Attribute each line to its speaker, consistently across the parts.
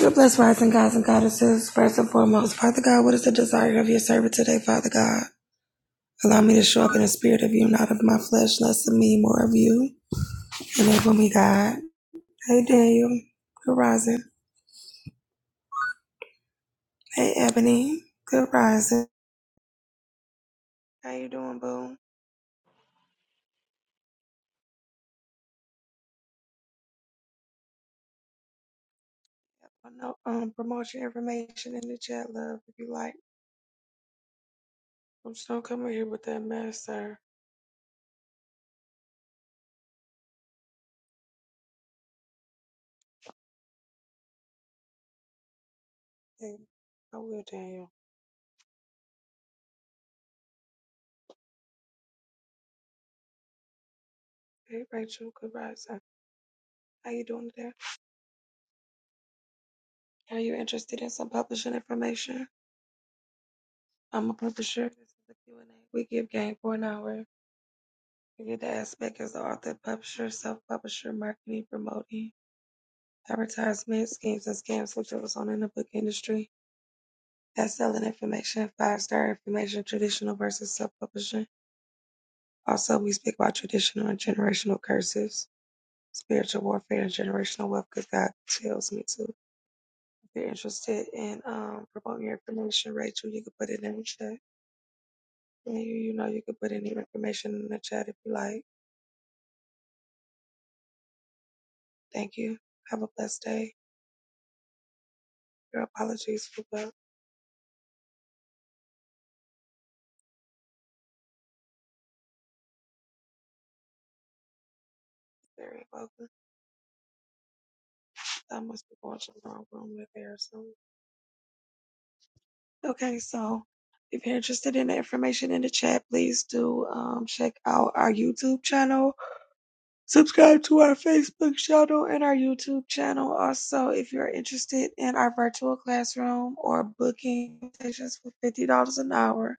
Speaker 1: God bless rising gods and goddesses. First and foremost, Father God, what is the desire of your servant today, Father God? Allow me to show up in the spirit of you, not of my flesh, less of me, more of you. Enable me, God. Hey, Daniel. Good rising. Hey, Ebony. Good rising. How you doing, boo? I know, um, promote your information in the chat, love, if you like. I'm just gonna come in here with that mess, sir. Hey, I will, Daniel. Hey, Rachel. Good rising. How you doing today? Are you interested in some publishing information? I'm a publisher. This is a Q and a We give game for an hour. We get the aspect as the author, publisher, self-publisher, marketing, promoting, advertisement, schemes and scams, which was on in the book industry. That's selling information, five-star information, traditional versus self-publishing. Also, we speak about traditional and generational curses, spiritual warfare, and generational wealth, because God tells me to. If you're interested in um, promoting your information, Rachel, you can put it in the chat. And you, you know, you can put any information in the chat if you like. Thank you. Have a blessed day. Your apologies for what Very Bogan. I must be going to the wrong room with there soon. Okay, so if you're interested in the information in the chat, please do um, check out our YouTube channel. Subscribe to our Facebook channel and our YouTube channel. Also, if you're interested in our virtual classroom or booking sessions for $50 an hour,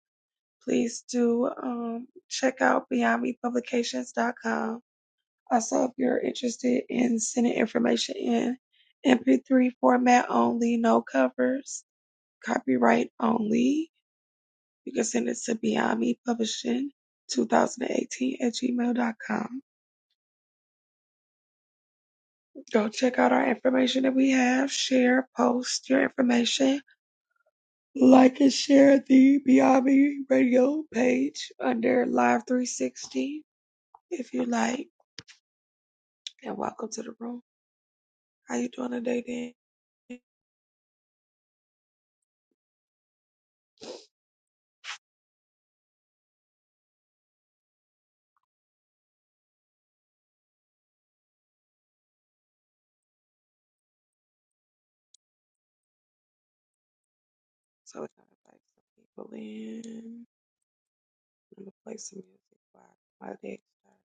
Speaker 1: please do um, check out beyond me publications dot com. Also, if you're interested in sending information in MP3 format only, no covers, copyright only, you can send it to Beyond Me Publishing 2018 at gmail.com. Go check out our information that we have. Share, post your information. Like and share the Beyond Me radio page under Live 360 if you like. And welcome to the room. How you doing today, Dan? So it's are gonna invite some people in. I'm gonna play some music while while they start.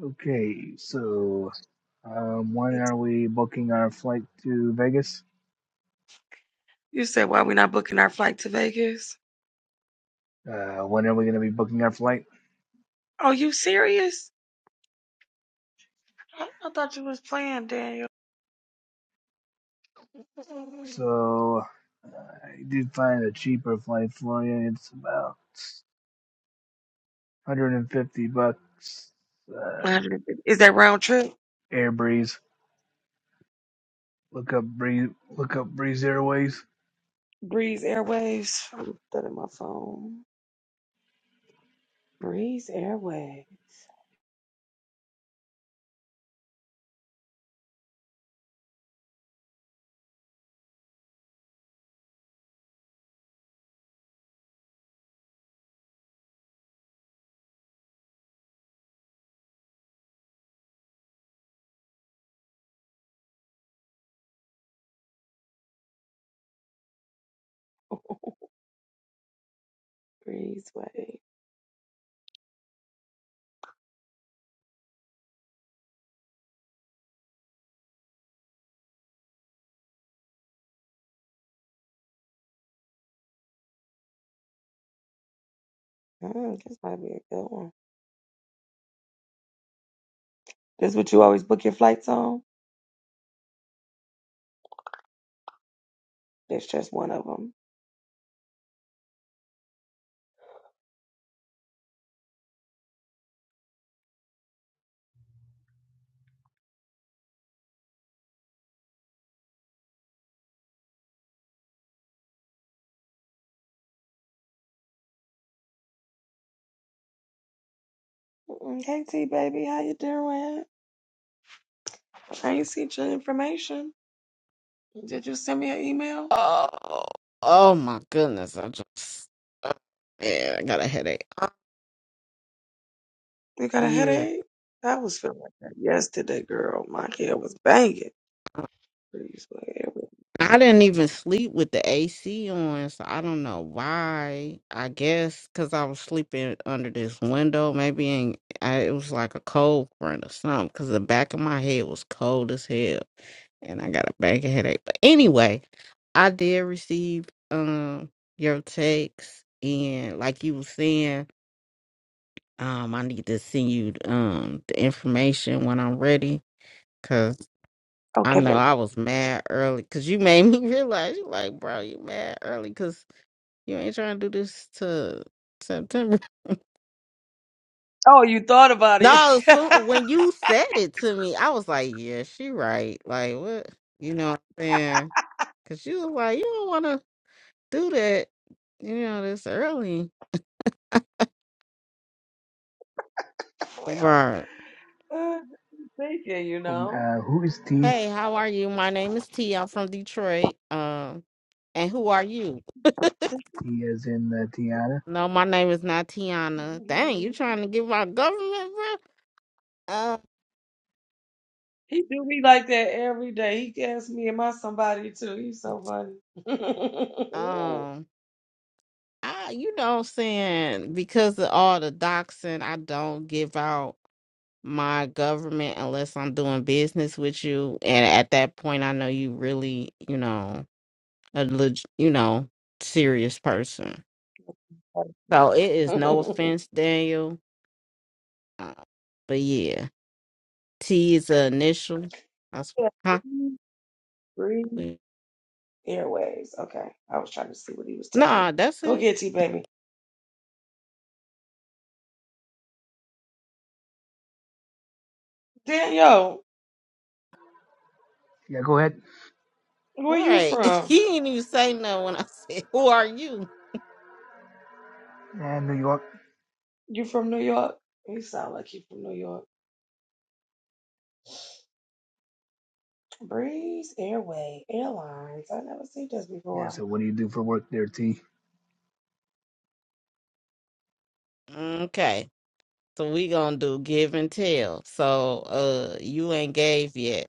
Speaker 2: Okay, so um, when are
Speaker 1: It's-
Speaker 2: we booking our flight to Vegas?
Speaker 1: You said why we not booking our flight to Vegas?
Speaker 2: Uh, when are we going to be booking our flight?
Speaker 1: Are you serious? I, I thought you was playing, Daniel. one
Speaker 2: So uh, I did find a cheaper flight for you. It's about 150 bucks. Uh,
Speaker 1: hundred fifty Is that round trip?
Speaker 2: Air Breeze. Look up Breeze. Look up Breeze Airways.
Speaker 1: Breeze Airways. I'm gonna put that in my phone. Breeze Airways. Breezeway. Mm, this might be a good one. This what you always book your flights on? That's just one of them. KT, baby, how you doing? I ain't seen your information. Did you send me an email?
Speaker 3: Oh, oh my goodness. I just, oh, man, I got a headache. Oh,
Speaker 1: You got a
Speaker 3: Yeah.
Speaker 1: headache? I was feeling like that yesterday, girl. My hair was banging. Please, my hair was-
Speaker 3: I didn't even sleep with the AC on, so I don't know why. I guess because I was sleeping under this window, maybe in, I, it was like a cold front or something. Because the back of my head was cold as hell, and I got a bad headache. But anyway, I did receive um your text, and like you were saying. Um, I need to send you um the information when I'm ready, cause I
Speaker 1: Okay,
Speaker 3: know
Speaker 1: baby.
Speaker 3: I was mad early, cause you made me realize you like, bro, you mad early, cause you ain't trying to do this to September.
Speaker 1: Oh, you thought about it.
Speaker 3: No, so when you said it to me, I was like, yeah, she right. Like what, you know what I'm saying? Cause you was like, you don't want to do that, you know, this early,
Speaker 1: well,
Speaker 3: bro.
Speaker 1: uh, thinking, you
Speaker 2: Who-
Speaker 1: know.
Speaker 2: Uh, who is T?
Speaker 3: Hey, how are you? My name is T. I'm from Detroit. Um, and who are you?
Speaker 2: T as in uh, Tiana.
Speaker 3: No, my name is not Tiana. Dang, you trying to give my government, bro? Uh,
Speaker 1: He do me like that every day. He gets me, and my somebody too?" He's so funny.
Speaker 3: um, I, you know what I'm saying? Because of all the doxing, I don't give out my government unless I'm doing business with you. And at that point, I know you really, you know, a leg, you know, serious person. So it is no offense, Daniel. Uh, but yeah, T is the initial. That's,
Speaker 1: yeah,
Speaker 3: huh?
Speaker 1: breathe, breathe, airwaves. Okay, I was trying to see what he was telling me.
Speaker 3: Nah, that's
Speaker 1: Go
Speaker 3: it.
Speaker 1: get T baby. Daniel,
Speaker 2: Yeah, go ahead.
Speaker 1: where you
Speaker 3: Right. He
Speaker 1: from?
Speaker 3: didn't even say no when I said, Who are you?
Speaker 2: Yeah, New York.
Speaker 1: You from New York? You sound like you from New York. Breeze Airway Airlines. I never seen this
Speaker 2: Yeah.
Speaker 1: before.
Speaker 2: So what do you do for work there, T?
Speaker 3: Okay. So we gonna do give and tell. So uh you ain't gave yet.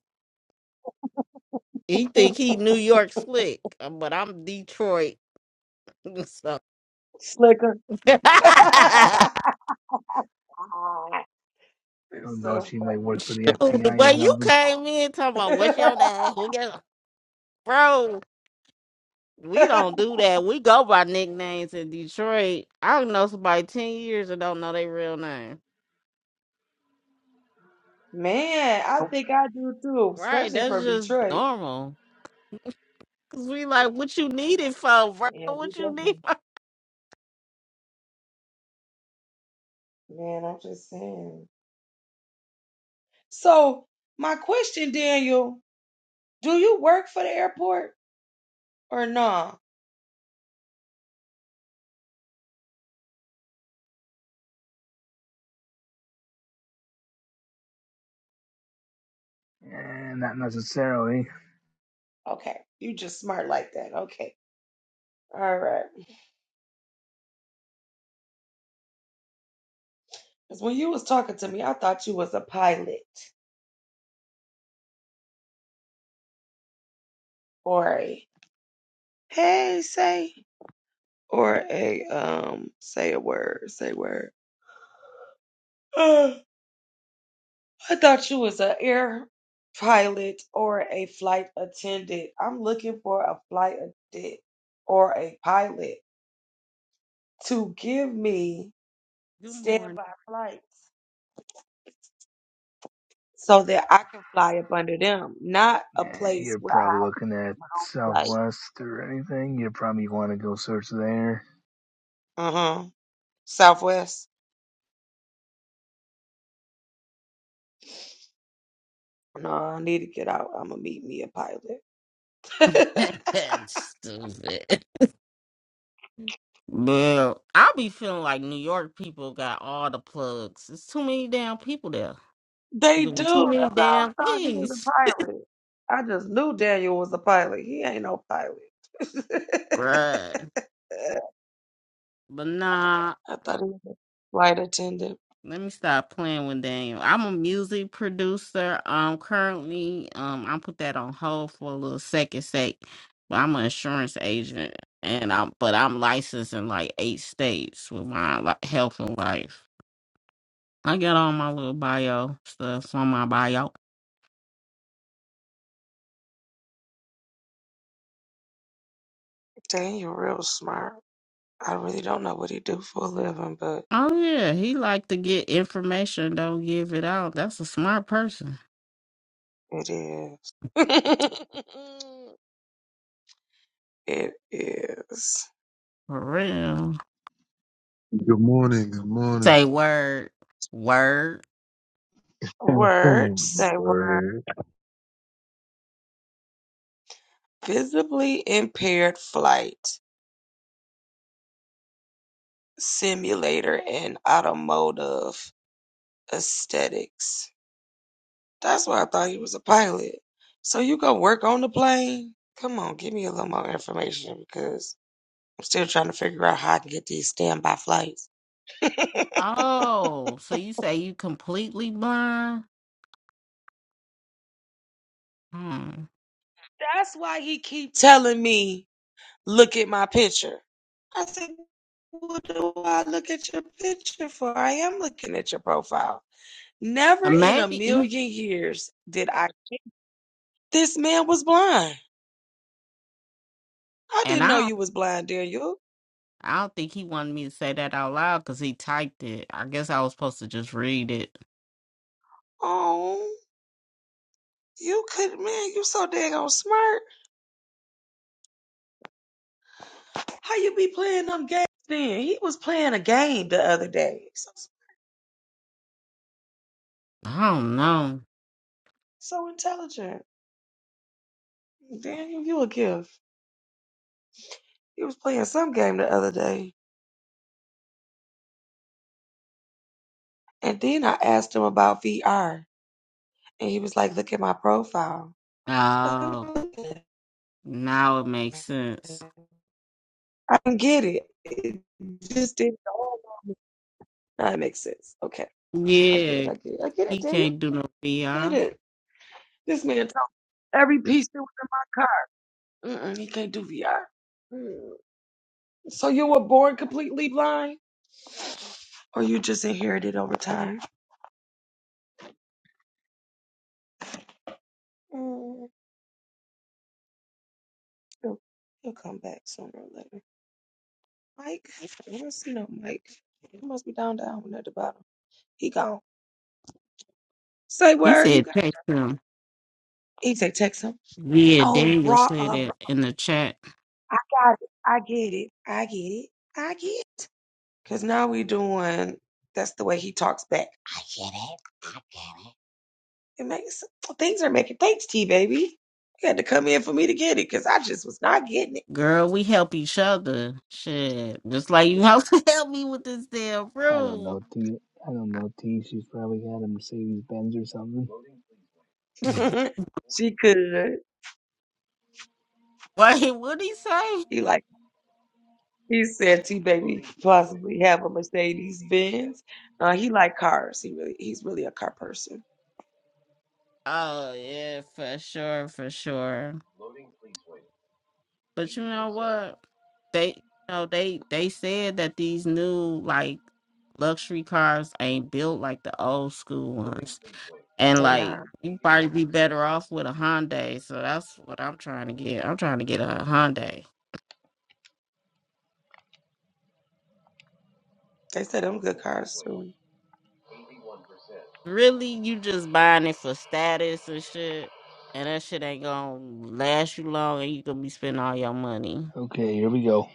Speaker 3: He think he New York slick, uh, but I'm Detroit. So
Speaker 1: Slicker.
Speaker 3: the
Speaker 2: I
Speaker 1: He's
Speaker 2: don't know.
Speaker 1: so
Speaker 2: She might work for the FBI
Speaker 3: way
Speaker 2: or
Speaker 3: you
Speaker 2: something.
Speaker 3: came in talking about
Speaker 1: funny.
Speaker 3: what's your name? Who your bro? We don't do that. We go by nicknames in Detroit. I don't know somebody ten years and don't know their real name.
Speaker 1: Man, I think I do too,
Speaker 3: Right,
Speaker 1: especially
Speaker 3: that's
Speaker 1: from
Speaker 3: just
Speaker 1: Detroit.
Speaker 3: normal. Cause we like, what you need it for, bro?
Speaker 1: Yeah, we
Speaker 3: What you need?
Speaker 1: definitely.
Speaker 3: For?
Speaker 1: Man, I'm just saying. So, my question, Daniel, do you work for the airport or no?
Speaker 2: Eh, not necessarily.
Speaker 1: Okay, you just smart like that. Okay, all right. Because when you was talking to me, I thought you was a pilot or a hey say or a um say a word, say word. I thought you was an air pilot or a flight attendant. I'm looking for a flight attendant or a pilot to give me
Speaker 3: Good morning.
Speaker 1: standby flights so that I can fly up under them, not a
Speaker 2: Eh,
Speaker 1: place
Speaker 2: you're
Speaker 1: where
Speaker 2: probably looking at
Speaker 1: I like.
Speaker 2: Southwest or anything. You probably want to go search there.
Speaker 1: Uh huh. Southwest. No, I need to get out. I'm gonna meet me a pilot.
Speaker 3: Stupid. Well, I be feeling like New York people got all the plugs. It's too many damn people there
Speaker 1: They do.
Speaker 3: doing too many
Speaker 1: That's why I
Speaker 3: damn
Speaker 1: thought he was a
Speaker 3: things,
Speaker 1: pilot. I just knew Daniel was a pilot. He ain't no pilot.
Speaker 3: bruh. But nah.
Speaker 1: I thought he was a flight attendant.
Speaker 3: Let me stop playing with Daniel. I'm a music producer. Um, currently, um, I put that on hold for a little second sake, but I'm an insurance agent, and I'm but I'm licensed in like eight states with my like, health and life. I got all my little bio stuff on my bio.
Speaker 1: Daniel real smart. I really don't know what he do for a living, but
Speaker 3: Oh yeah, he like to get information, don't give it out. That's a smart person
Speaker 1: It is. it is.
Speaker 3: for real.
Speaker 4: Good morning. Good morning.
Speaker 3: Say word, word.
Speaker 1: Words say were
Speaker 4: Bird.
Speaker 1: Visibly impaired flight simulator and automotive aesthetics. That's why I thought he was a pilot. So you go work on the plane? Come on, give me a little more information because I'm still trying to figure out how I can get these standby flights. That's
Speaker 3: Oh, so you say you completely blind? Hmm.
Speaker 1: why he keep telling me look at my picture. I said, what do I look at your picture for? I am looking at your profile. Never
Speaker 3: And
Speaker 1: in a
Speaker 3: Maybe, he-
Speaker 1: million years did I. think This man was blind. I
Speaker 3: and
Speaker 1: didn't know
Speaker 3: I don't,
Speaker 1: you was blind, Daniel.
Speaker 3: I don't think he wanted me to say that out loud because he typed it. I guess I was supposed to just read it.
Speaker 1: Oh, you could, man, you so daggone smart. How you be playing them games then? He was playing a game the other day. So,
Speaker 3: I don't know.
Speaker 1: so intelligent. Daniel, you a gift. He was playing some game the other day. And then I asked him about VR. And he was like, look at my profile. I said,
Speaker 3: Oh,
Speaker 1: "I'm looking at
Speaker 3: now it makes sense.
Speaker 1: it." I didn't get it. It just didn't dawn on me. Now it makes sense. Okay. I get it.
Speaker 3: Yeah,
Speaker 1: I get it. I get it,
Speaker 3: he
Speaker 1: Daniel.
Speaker 3: can't do no
Speaker 1: Get
Speaker 3: VR.
Speaker 1: it. This man told every piece that was in my car. Mm-mm, he can't do VR. Mm. So you were born completely blind? Or you just inherited over time? Mm. He'll, he'll come back sooner or later. Mike? I don't see no Mike. He must be down down at the bottom. He gone. Say
Speaker 3: He
Speaker 1: where you got.
Speaker 3: said text him.
Speaker 1: He say text him.
Speaker 3: Yeah,
Speaker 1: Oh,
Speaker 3: Daniel
Speaker 1: bro,
Speaker 3: said
Speaker 1: uh, bro,
Speaker 3: it in the chat.
Speaker 1: I got it. I get it. I get it. I get it. Cause now we doing. That's the way he talks back. I get it. I get it. It makes things are making thanks, T baby. You had to come in for me to get it, cause I just was not getting
Speaker 3: Girl, we help each other. Shit, just like you have to help me with this damn
Speaker 2: I don't
Speaker 3: room.
Speaker 2: know, T. I don't know, T. She's probably got a Mercedes Benz or something.
Speaker 3: Wait,
Speaker 1: it. she could.
Speaker 3: what'd he say?
Speaker 1: He like. He said T Baby possibly have a Mercedes Benz. Uh, he like cars. He really he's really a car person.
Speaker 3: Oh yeah, for sure, for sure. But you know what? They you know they they said that these new like luxury cars ain't built like the old school ones. And
Speaker 1: And
Speaker 3: like
Speaker 1: uh,
Speaker 3: you probably be better off with a Hyundai. So that's what I'm trying to get. I'm trying to get a Hyundai.
Speaker 1: they said them good cars too.
Speaker 3: Really, you just buying it for status and shit. And that shit ain't gonna last you long and you gonna be spending all your money.
Speaker 2: Okay, here we go.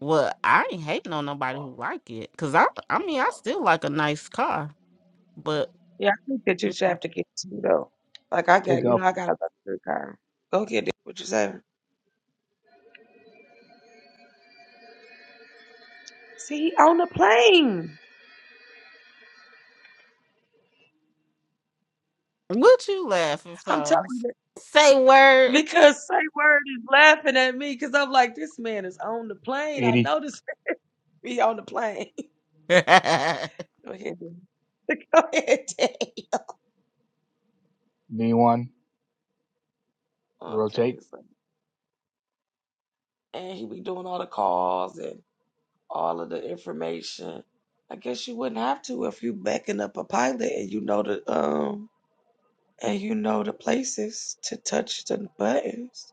Speaker 3: Well, I ain't hating on nobody who like it. Cause I I mean I still like a nice car. But
Speaker 1: Yeah, I think that you should have to get two though. Like I got
Speaker 2: Take
Speaker 1: you know,
Speaker 2: off.
Speaker 1: I got a good car. Go get it. What you say? See, on the plane.
Speaker 3: What you laughing
Speaker 1: I'm
Speaker 3: for?
Speaker 1: telling you
Speaker 3: Say word.
Speaker 1: because Say Word is laughing at me because I'm like, this man is on the plane. I
Speaker 2: 80,
Speaker 1: know this be on the plane. Go ahead, Dan. Go ahead, Dan.
Speaker 2: v one rotate.
Speaker 1: Okay, so and he be doing all the calls and all of the information. I guess you wouldn't have to if you backing up a pilot and you know the um and you know the places to touch the buttons.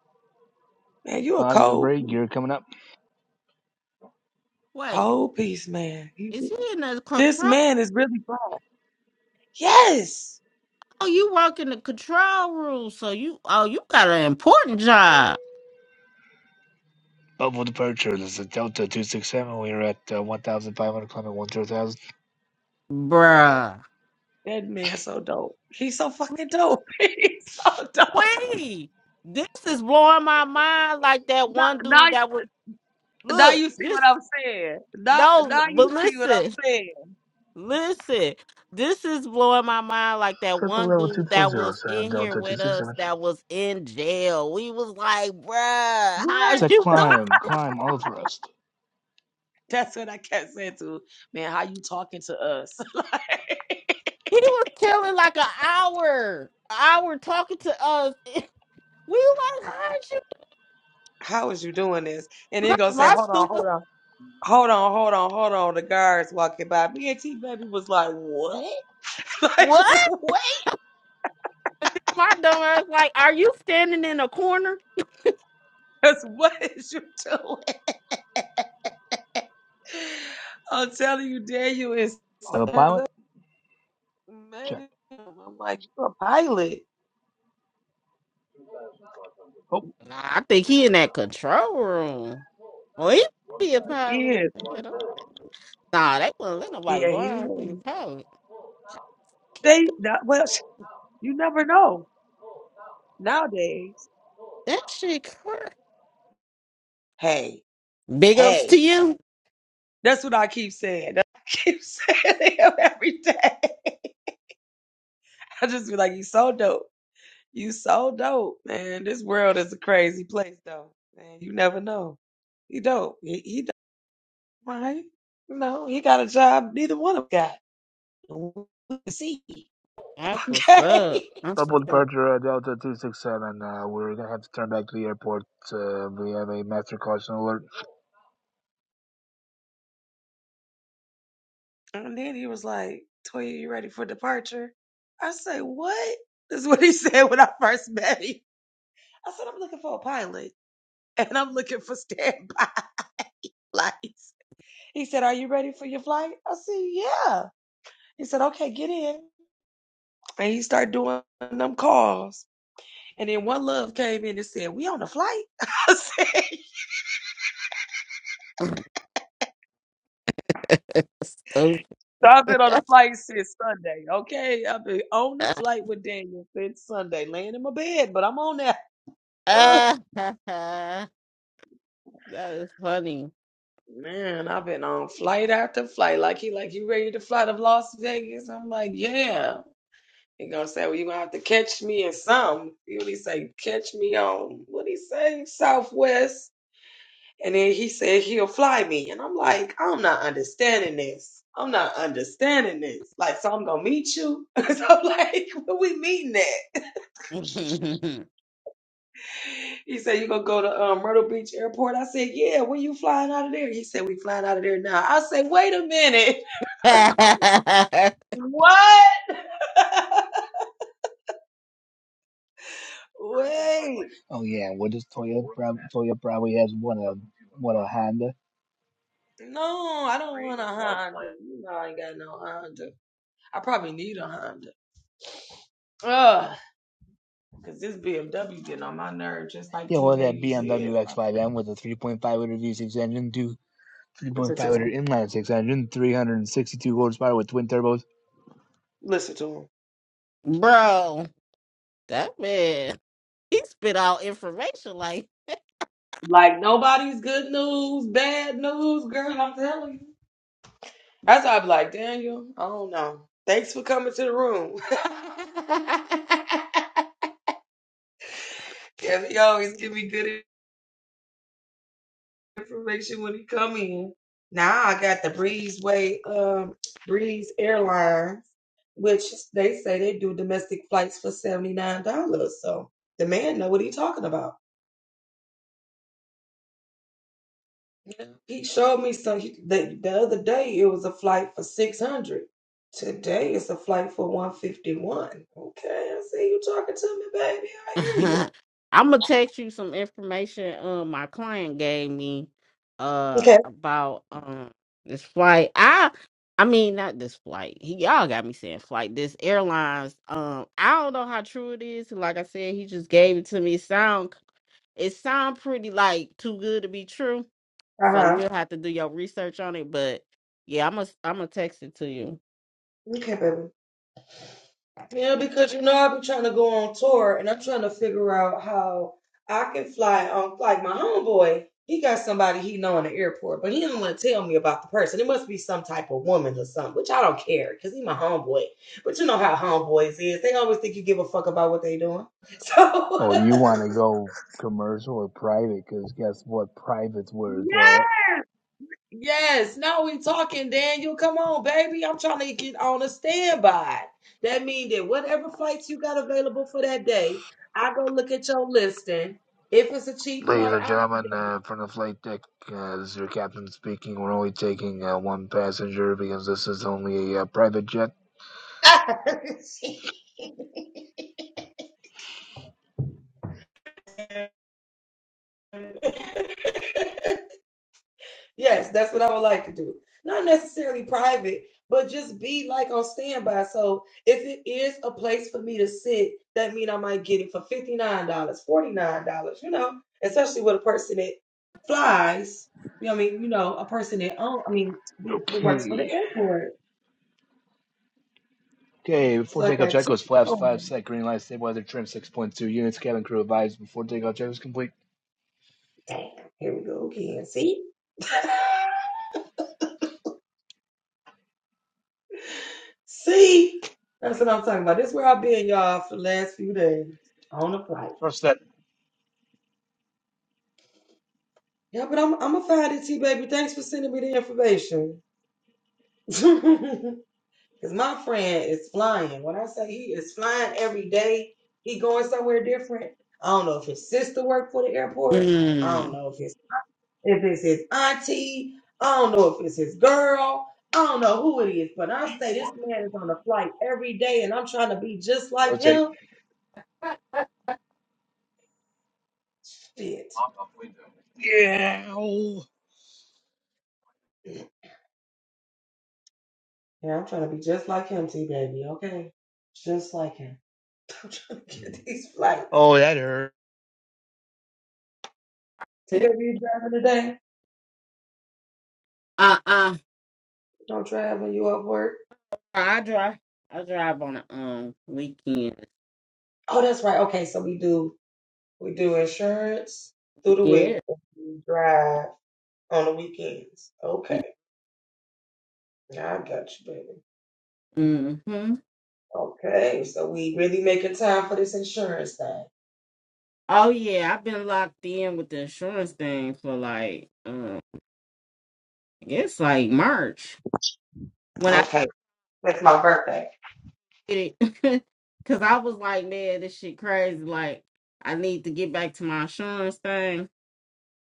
Speaker 1: Man, you a
Speaker 2: Positive
Speaker 1: cold
Speaker 2: break,
Speaker 1: piece.
Speaker 2: gear coming up.
Speaker 3: Wait,
Speaker 1: Cold piece, man.
Speaker 3: is
Speaker 1: You-
Speaker 3: he in the
Speaker 1: This
Speaker 3: control?
Speaker 1: man is really Yes.
Speaker 3: Oh, you work in the control room, so you oh you got an important job,
Speaker 2: Bubble departure, this is a Delta 267. We are at uh, 1,500, climbing 1,000.
Speaker 1: That man,
Speaker 3: bruh.
Speaker 1: that man so dope. He's so fucking dope. He's so dope.
Speaker 3: Wait, this is blowing my mind. Like that
Speaker 1: Now,
Speaker 3: one
Speaker 1: now,
Speaker 3: dude that would
Speaker 1: now
Speaker 3: look
Speaker 1: you see what
Speaker 3: this.
Speaker 1: I'm saying. Now,
Speaker 3: No,
Speaker 1: now
Speaker 3: but
Speaker 1: you see what I'm
Speaker 3: listen.
Speaker 1: saying.
Speaker 3: Listen, this is blowing my mind. Like that
Speaker 2: Triple
Speaker 3: one
Speaker 2: level
Speaker 3: dude that
Speaker 2: 240,
Speaker 3: was
Speaker 2: San
Speaker 3: in here
Speaker 2: Delta
Speaker 3: with us
Speaker 2: 267.
Speaker 3: that was in jail. We was like, bruh, how
Speaker 1: What?
Speaker 3: is
Speaker 2: Set
Speaker 3: you doing?
Speaker 2: climb, climb, auto thrust.
Speaker 1: That's what I kept saying to man. How you talking to us? like,
Speaker 3: He was killing like an hour, hour talking to us. We like, how is you
Speaker 1: how is you doing this? And then gonna
Speaker 3: doing?
Speaker 1: say,
Speaker 3: My
Speaker 1: hold on,
Speaker 3: stupid,
Speaker 1: hold on, hold on, hold on, hold on. The guards walking by. Me and T baby was like, what? like,
Speaker 3: what?
Speaker 1: wait,
Speaker 3: My dumb ass, like, are you standing in a corner?
Speaker 1: that's what is you doing? I'm telling you, Daniel is
Speaker 2: Autopilot.
Speaker 1: so mad at
Speaker 2: Check.
Speaker 1: him. I'm like, you're a pilot.
Speaker 2: Oh,
Speaker 3: Nah, I think he in that control room. Well, he be a
Speaker 1: He
Speaker 3: pilot.
Speaker 1: is.
Speaker 3: you know. Nah, they wouldn't let nobody
Speaker 1: Yeah, he
Speaker 3: blind for your
Speaker 1: is.
Speaker 3: pilot.
Speaker 1: They, that, well, you never know nowadays.
Speaker 3: That shit crazy.
Speaker 1: Hey,
Speaker 3: Big ups to
Speaker 1: hey.
Speaker 3: you.
Speaker 1: That's what I keep saying. That's what I keep saying to him every day. I just be like, you so dope. You so dope, man. This world is a crazy place, though. Man, you never know. He dope. He, he dope, right? No, he got a job. Neither one of them got. we can see.
Speaker 3: That's what's
Speaker 1: Okay.
Speaker 3: up. That's
Speaker 2: double
Speaker 3: what's up.
Speaker 2: departure uh, Delta 267. Uh, we're going to have to turn back to the airport. Uh, we have a master caution alert.
Speaker 1: And then he was like, Toya, you ready for departure? I said, What? This is what he said when I first met him. I said, I'm looking for a pilot and I'm looking for standby flights. He said, Are you ready for your flight? I said, Yeah. He said, Okay, get in. And he started doing them calls. And then one love came in and said, We on a flight? I said,
Speaker 3: Stupid.
Speaker 1: So I've been on a flight since Sunday. Okay, I've been on the flight with Daniel since Sunday, laying in my bed, but I'm on there. Ugh.
Speaker 3: that is funny.
Speaker 1: Man, I've been on flight after flight. Like he, like you ready to fly to Las Vegas? I'm like, yeah. He gonna say, well, you gonna have to catch me in some. He What he say? Catch me on what he say? Southwest. And then he said he'll fly me, and I'm like, I'm not understanding this. I'm not understanding this. Like, so I'm gonna meet you. so I'm like, where we meeting at? He said, You gonna go to um, Myrtle Beach Airport? I said, Yeah, when you flying out of there? He said, We flying out of there now. I said, Wait a minute. What? Wait.
Speaker 2: Oh, yeah. What does Toyota prob- Toyota probably has one of? What a Honda.
Speaker 1: No, I don't want a Honda. You know I ain't got no Honda. I probably need a Honda. Ugh, cause this BMW getting on my nerve, just like
Speaker 2: Yeah,
Speaker 1: T
Speaker 2: well, that
Speaker 1: Baby
Speaker 2: BMW
Speaker 1: said.
Speaker 2: X5M with a 3.5 liter V6 engine, two
Speaker 1: Listen to
Speaker 2: 3.5 liter
Speaker 1: him.
Speaker 2: inline six engine, 362 horsepower with twin turbos.
Speaker 1: Listen to him.
Speaker 3: Bro, that man, he spit out information like
Speaker 1: Like nobody's good news, bad news, girl. I'm telling you. That's why I be like, Daniel, I don't know. Thanks for coming to the room. Cause he always give me good information when he come in. Now I got the Breezeway, um, Breeze Airlines, which they say they do domestic flights for seventy nine dollars. So the man know what he talking about. He showed me some. he- The, the other day, it was a flight for 600. Today, it's a flight for 151. Okay, I see you talking to me, baby. I hear you.
Speaker 3: I'm gonna text you some information um my client gave me uh
Speaker 1: Okay.
Speaker 3: about um this flight. I I mean not this flight. He, y'all got me saying flight. This airlines. Um I don't know how true it is. Like I said, he just gave it to me. It sound it sound pretty like too good to be true.
Speaker 1: Uh
Speaker 3: So
Speaker 1: huh.
Speaker 3: you'll have to do your research on it. But yeah, I'm gonna I'm gonna text it to you.
Speaker 1: Okay, baby. Yeah, because you know I've been trying to go on tour and I'm trying to figure out how I can fly on like my homeboy, he got somebody he know in the airport, but he don't want to tell me about the person. It must be some type of woman or something, which I don't care because he my homeboy. But you know how homeboys is. They always think you give a fuck about what they doing. So
Speaker 2: Oh, you want to go commercial or private? Because guess what? Private's where it's at.
Speaker 1: Yes, now we talking, Daniel. Come on, baby. I'm trying to get on a standby. That means that whatever flights you got available for that day, I go look at your listing. If it's a cheap
Speaker 2: Ladies
Speaker 1: flight,
Speaker 2: and
Speaker 1: I'll be
Speaker 2: gentlemen, uh, from the flight deck, uh, this is your captain speaking. We're only taking uh, one passenger because this is only a uh, private jet.
Speaker 1: there. Yes, that's what I would like to do. Not necessarily private, but just be like on standby. So if it is a place for me to sit, that mean I might get it for $59, dollars, $49, you know, especially with a person that flies. You know what I mean? You know, a person that own, I mean, that, that works for the
Speaker 2: Okay.
Speaker 1: airport.
Speaker 2: Okay, before
Speaker 1: So I
Speaker 2: takeoff
Speaker 1: got
Speaker 2: check
Speaker 1: two.
Speaker 2: goes flaps
Speaker 1: Oh,
Speaker 2: 5 set, green light, stabilizer trim 6.2 units, cabin crew advised before takeoff check is complete.
Speaker 1: damn, here we go again. See? See? That's what I'm talking about. This is where I've been, y'all, for the last few days on the flight.
Speaker 2: First set,
Speaker 1: Yeah, but I'm I'm gonna find it, T baby. Thanks for sending me the information. Cause my friend is flying. When I say he is flying every day, he going somewhere different. I don't know if his sister worked for the airport. I don't
Speaker 3: Mm.
Speaker 1: know if his if it's his auntie. I don't know if it's his girl. I don't know who it is, but I say this man is on a flight every day, and I'm trying to be just like
Speaker 2: rotate.
Speaker 1: him. Shit.
Speaker 2: Yeah!
Speaker 1: Yeah, I'm trying to be just like him, T baby. Okay, just like him. I'm trying to get these flights.
Speaker 2: Oh, that hurt.
Speaker 1: See, baby, you driving today?
Speaker 3: Uh uh.
Speaker 1: Don't drive when you up work.
Speaker 3: I drive I drive on a um weekend.
Speaker 1: Oh, that's right. Okay, so we do we do insurance through the week.
Speaker 3: Yeah.
Speaker 1: and We drive on the weekends. Okay, now I got you, baby.
Speaker 3: Mm-hmm.
Speaker 1: Okay, so we really making time for this insurance thing.
Speaker 3: Oh yeah, I've been locked in with the insurance thing for like um I guess like March when I
Speaker 1: Okay, that's my birthday.
Speaker 3: did it. Cause I was like, man, this shit crazy. Like I need to get back to my insurance thing.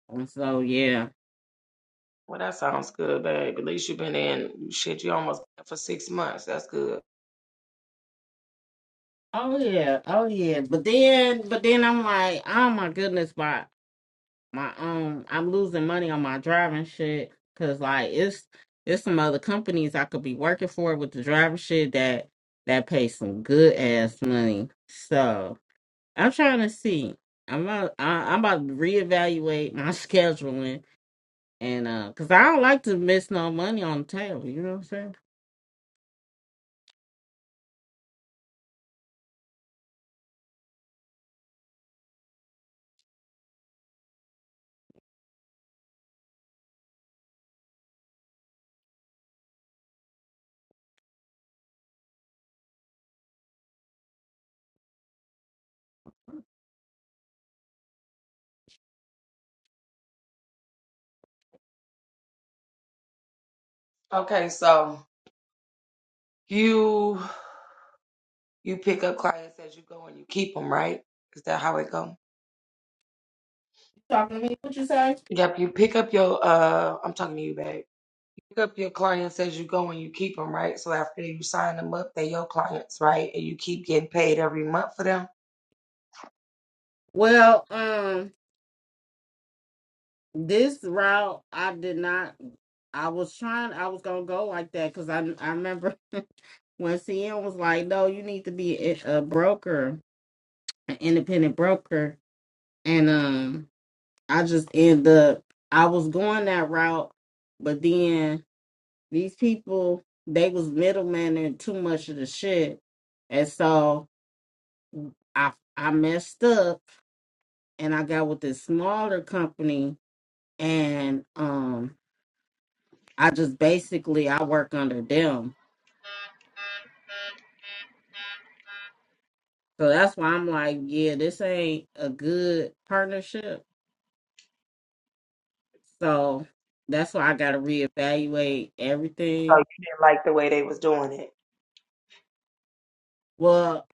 Speaker 3: And so yeah.
Speaker 1: Well, that sounds good, babe. At least you've been in shit. You almost been for six months. That's good.
Speaker 3: Oh yeah, oh yeah. But then but then I'm like, oh my goodness, why? my um I'm losing money on my driving shit cuz like it's it's some other companies I could be working for with the driving shit that that pay some good ass money. So, I'm trying to see. I'm about, I, I'm about to reevaluate my scheduling and uh cuz I don't like to miss no money on the table, you know what I'm saying?
Speaker 1: Okay, so you you pick up clients as you go and you keep them, right? Is that how it go?
Speaker 3: You talking to me? What you say?
Speaker 1: Yep, you pick up your uh I'm talking to you, babe. You pick up your clients as you go and you keep them, right? So after you sign them up, they your clients, right? And you keep getting paid every month for them.
Speaker 3: Well, um this route I did not I was trying I was going to go like that cuz I I remember when CM was like, "No, you need to be a a broker, an independent broker," and um, I just end up I was going that route, but then these people they was middlemaning too much of the shit, and so I I messed up and I got with this smaller company and um I just basically I work under them. So that's why I'm like, yeah, this ain't a good partnership So that's why I got to reevaluate
Speaker 1: So
Speaker 3: everything.
Speaker 1: you didn't like the way they was doing it.
Speaker 3: Well,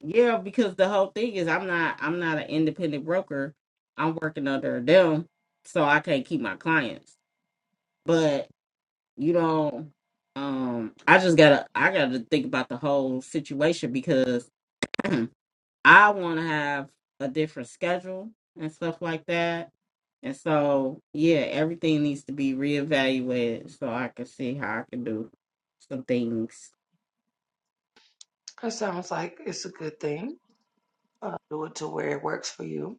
Speaker 3: yeah, because the whole thing is I'm not I'm not an independent broker. I'm working under them, so I can't keep my clients. But you know, um, I just gotta I gotta think about the whole situation because I want to have a different schedule and stuff like that. And so, yeah, everything needs to be reevaluated so I can see how I can do some things.
Speaker 1: That sounds like it's a good thing. Uh, do it to where it works for you.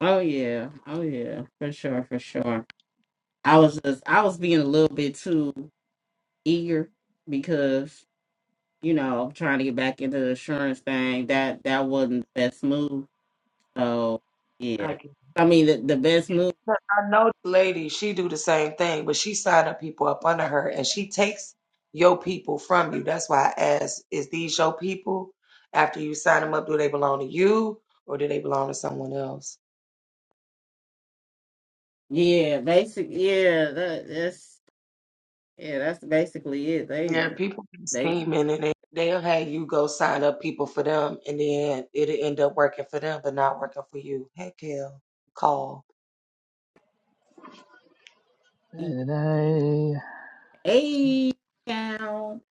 Speaker 3: Oh yeah, oh yeah, for sure, for sure. I was just, I was being a little bit too eager because you know I'm trying to get back into the insurance thing. That that wasn't the best move. So yeah,
Speaker 1: I
Speaker 3: I mean the the best move.
Speaker 1: I know the lady, she do the same thing, but she signing people up under her and she takes your people from you. That's why I asked, is these your people? After you sign them up, do they belong to you or do they belong to someone else?
Speaker 3: Yeah, basic. Yeah, that, that's Yeah, that's basically it.
Speaker 1: Yeah,
Speaker 3: They
Speaker 1: people be
Speaker 3: they
Speaker 1: scheming and they, they'll have you go sign up people for them and then it'll end up working for them but not working for you. Heck hell, call.
Speaker 3: eat
Speaker 2: Da-da-da.
Speaker 3: a town.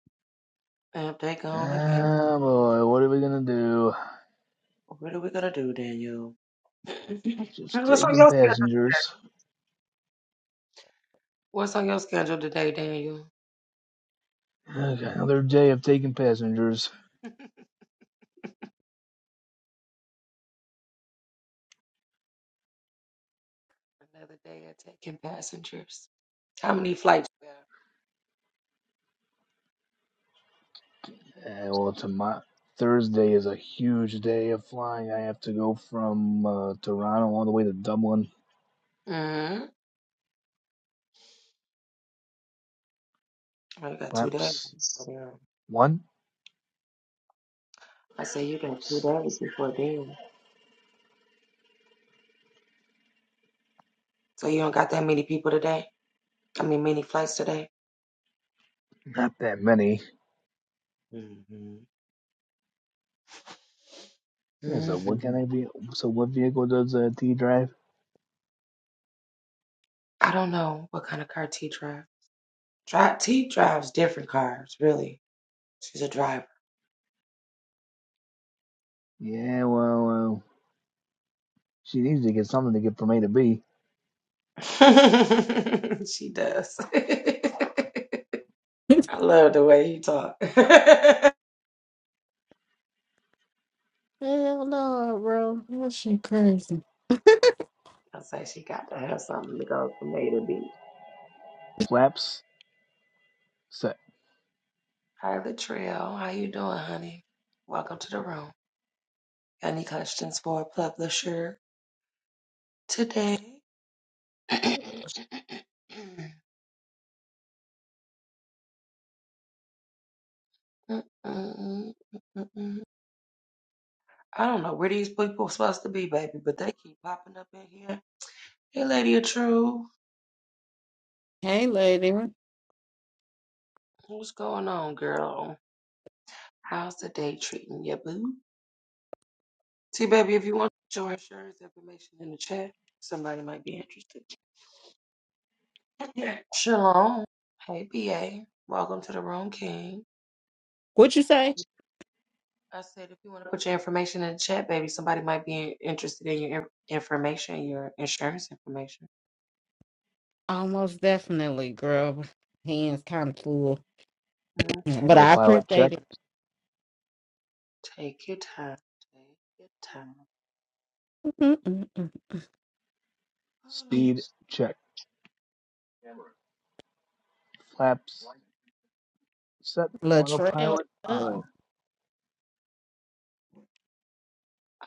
Speaker 1: And they gone again.
Speaker 2: Ah, boy, what are we gonna do?
Speaker 1: What are we gonna do, Daniel?
Speaker 2: Just
Speaker 1: What's on
Speaker 2: taking
Speaker 1: your schedule?
Speaker 2: passengers.
Speaker 1: What's on your schedule today, Daniel?
Speaker 2: Okay, another day of taking passengers.
Speaker 1: Another day of taking passengers. How many flights you got?
Speaker 2: Uh, well, tomorrow Thursday is a huge day of flying. I have to go from uh, Toronto all the way to Dublin.
Speaker 1: Mm-hmm. Oh, you got two days.
Speaker 2: Flaps
Speaker 1: So, yeah.
Speaker 2: one,
Speaker 1: I say you got two days before then. So you don't got that many people today? I mean, many flights today?
Speaker 2: not that many.
Speaker 1: Mm-hmm.
Speaker 2: Yeah, so what
Speaker 1: Mm-hmm.
Speaker 2: can I be? So what vehicle does uh, T drive?
Speaker 1: I don't know what kind of car T drive. Dri T drives different cars, really. She's a driver.
Speaker 2: Yeah, well, uh, she needs to get something to get from A to B.
Speaker 1: she does. I love the way you talk. I
Speaker 3: Hell no, bro. That shit crazy.
Speaker 1: say she got to have something to go from A to B.
Speaker 2: Flaps set.
Speaker 1: Hi, Latrell. How you doing, honey? Welcome to the room. Got any questions for publisher today? I don't know where these people supposed to be, baby, but they keep popping up in here. Hey, Lady of True.
Speaker 3: Hey, lady.
Speaker 1: What's going on, girl? How's the day treating you, boo? See, baby, if you want your insurance information in the chat, somebody might be interested. Shalom. Hey, BA. Welcome to the room, King.
Speaker 3: What you say?
Speaker 1: I said, if you want to put your information in the chat, baby, somebody might be interested in your in- information, your insurance information.
Speaker 3: Almost definitely, girl. Hands kind of full,
Speaker 1: Okay,
Speaker 3: but I
Speaker 2: Autopilot check.
Speaker 3: appreciate it.
Speaker 1: take your time. Take your time.
Speaker 3: Mm-mm-mm.
Speaker 1: Mm.
Speaker 2: Speed check. Flaps set.
Speaker 3: Latrell.
Speaker 2: Autopilot on.
Speaker 3: oh.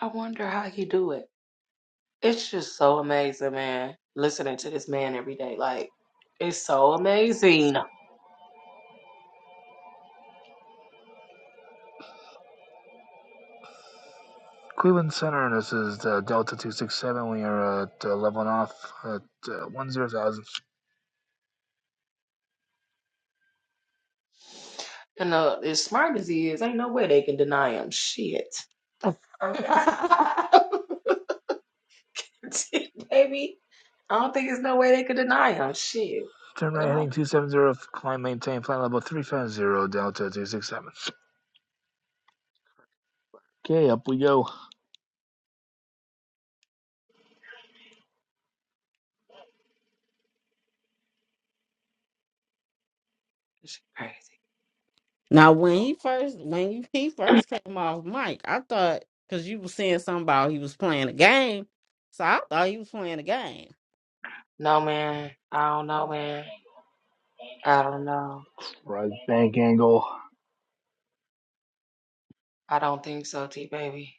Speaker 1: I wonder how he do it. It's just so amazing, man. Listening to this man every day, like it's so amazing.
Speaker 2: Cleveland Center, this is the Delta 267. We are at uh, leveling off at uh, 10,000.
Speaker 1: And uh, as smart as he is, ain't no way they can deny him. Shit, baby. I don't think there's no way they could deny him. Shit.
Speaker 2: Turn right heading 270, climb maintain flight level 350, Delta 267. Okay, up we go.
Speaker 1: It's crazy.
Speaker 3: Now, when he first when you, he first came off mic, I thought because you was saying something about he was playing a game, so I thought he was playing a game.
Speaker 1: No, man. I don't know, man. I don't know.
Speaker 2: Right bank angle,
Speaker 1: I don't think so, T baby.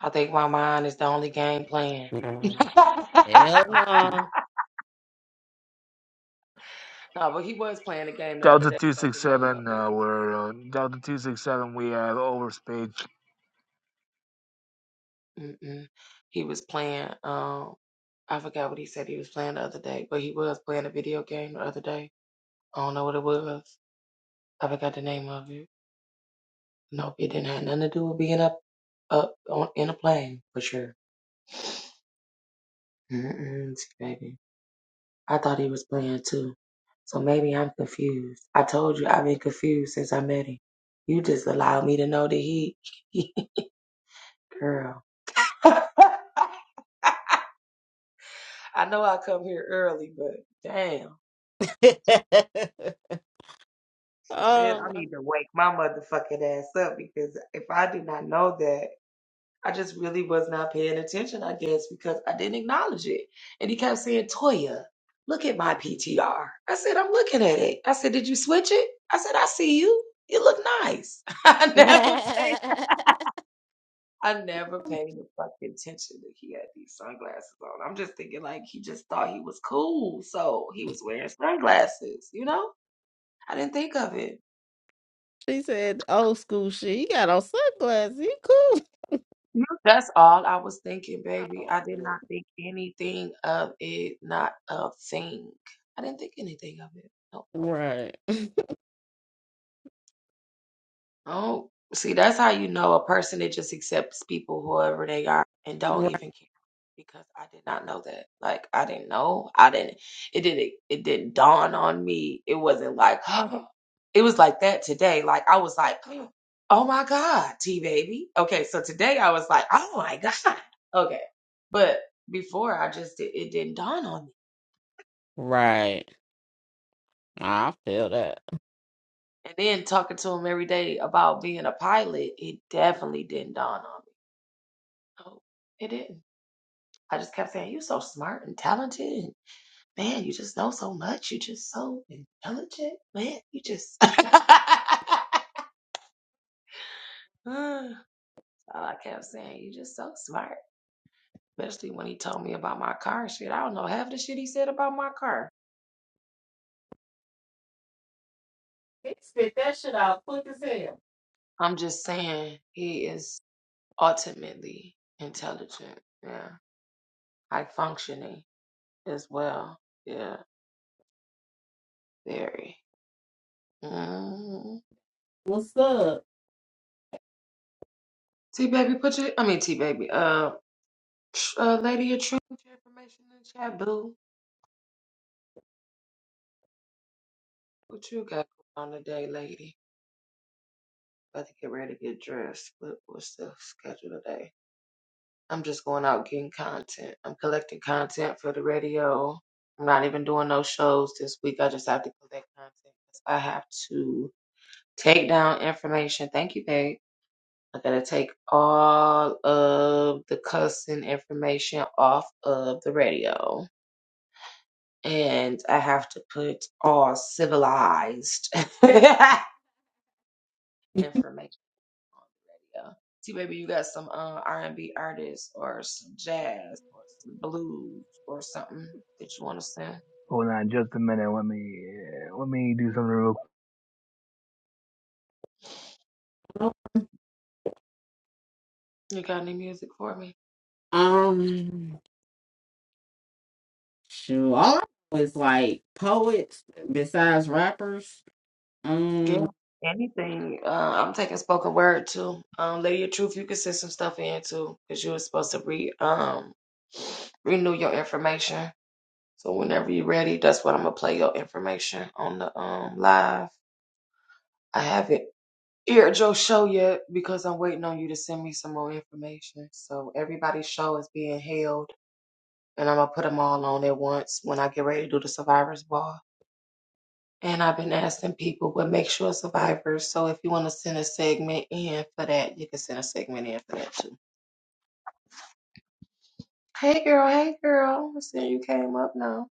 Speaker 1: I think my mind is the only game playing.
Speaker 3: Mhm.
Speaker 1: no,
Speaker 3: Hell
Speaker 2: altitude.
Speaker 1: but he was playing a game the other
Speaker 2: Delta
Speaker 1: day. I got the name of
Speaker 2: 267,
Speaker 1: it.
Speaker 2: uh, we're uh, Delta 267, we have overspeed.
Speaker 1: Mm-mm. He was playing. Um, I forgot what he said he was playing the other day, but he was playing a video game the other day. I don't know what it was. I forgot the name of it. Nope, it didn't have nothing to do with being up, up on, in a plane for sure. Mm-mm, T baby. I thought he was playing too. So maybe I'm confused. I told you I've been confused since I met him. You just allowed me to know that he, girl. I know I come here early, but damn.
Speaker 3: no.
Speaker 1: Shit, I
Speaker 3: Oh
Speaker 1: need to wake my motherfucking ass up because if I did not know that. I just really was not paying attention, I guess, because I didn't acknowledge it. And he kept saying, Toya, look at my PTR. I said, I'm looking at it. I said, Did you switch it? I said, I see you. You look nice. I
Speaker 3: my.
Speaker 1: never paid. I never paid the fucking attention that he had these sunglasses on. I'm just thinking like he just thought he was cool, so he was wearing sunglasses. You know, I didn't think of it.
Speaker 3: she said old school shit. He got on sunglasses. He cool.
Speaker 1: No, That's all I was thinking,
Speaker 3: Oh,
Speaker 1: baby.
Speaker 3: my
Speaker 1: I did
Speaker 3: God.
Speaker 1: not think anything of it, not a thing. I didn't think anything of it. No.
Speaker 3: Right.
Speaker 1: Oh, see, that's how you know a person that just accepts people whoever they are and don't
Speaker 3: Right.
Speaker 1: even care. Because I did not know that. Like I didn't know. I didn't. It didn't. It didn't dawn on me. It wasn't like. it was like that today. Like I was like, oh my god, T baby. Okay, so today I was like, oh my god. Okay, but before I just did, it didn't dawn on me.
Speaker 3: Right. I feel that.
Speaker 1: And then talking to him every day about being a pilot, it definitely didn't dawn on me. Oh, it didn't. I just kept saying, You're so smart and talented. And man, you just know so much. You're just so intelligent. Man, you just. All I kept saying, You're just so smart. Especially when he told me about my car and shit. I don't know half the shit he said about my car.
Speaker 3: He spit that shit out quick as hell.
Speaker 1: I'm just saying, he is ultimately intelligent. Yeah. High functioning as well. Yeah. Very. Mm.
Speaker 3: What's up?
Speaker 1: T baby, put your I mean T baby. uh. Uh, lady, you trim your information in the chat, boo. What you got going on today, lady? About to get ready to get dressed. What, what's the schedule today? I'm just going out getting content. I'm collecting content for the radio. I'm not even doing no shows this week. I just have to collect content 'cause I have to take down information. Thank you, babe. I gotta take all of the cussing information off of the radio. and I have to put all civilized information on the radio. See, baby, you got some uh, R&B artists or some jazz or some blues or something that you want to sing.
Speaker 2: Hold on just a minute, let me, uh, let me do something real quick.
Speaker 3: Nope.
Speaker 1: You got any music for me?
Speaker 3: Um shoot. All I know is like poets besides rappers.
Speaker 1: Yeah,
Speaker 3: Um
Speaker 1: anything. Uh, I'm taking spoken word too. Um, Lady of Truth, you can send some stuff in too because you were supposed to re um renew your information. So whenever you're ready, that's what I'm gonna play your information on the um live. I have it Here at your show yet because I'm waiting on you to send me some more information. So everybody's show is being held, and I'm gonna put them all on at once when I get ready to do the survivors ball. And I've been asking people what makes you a survivor. So if you want to send a segment in for that, you can send a segment in for that too. Hey girl, hey girl, I see you came up now.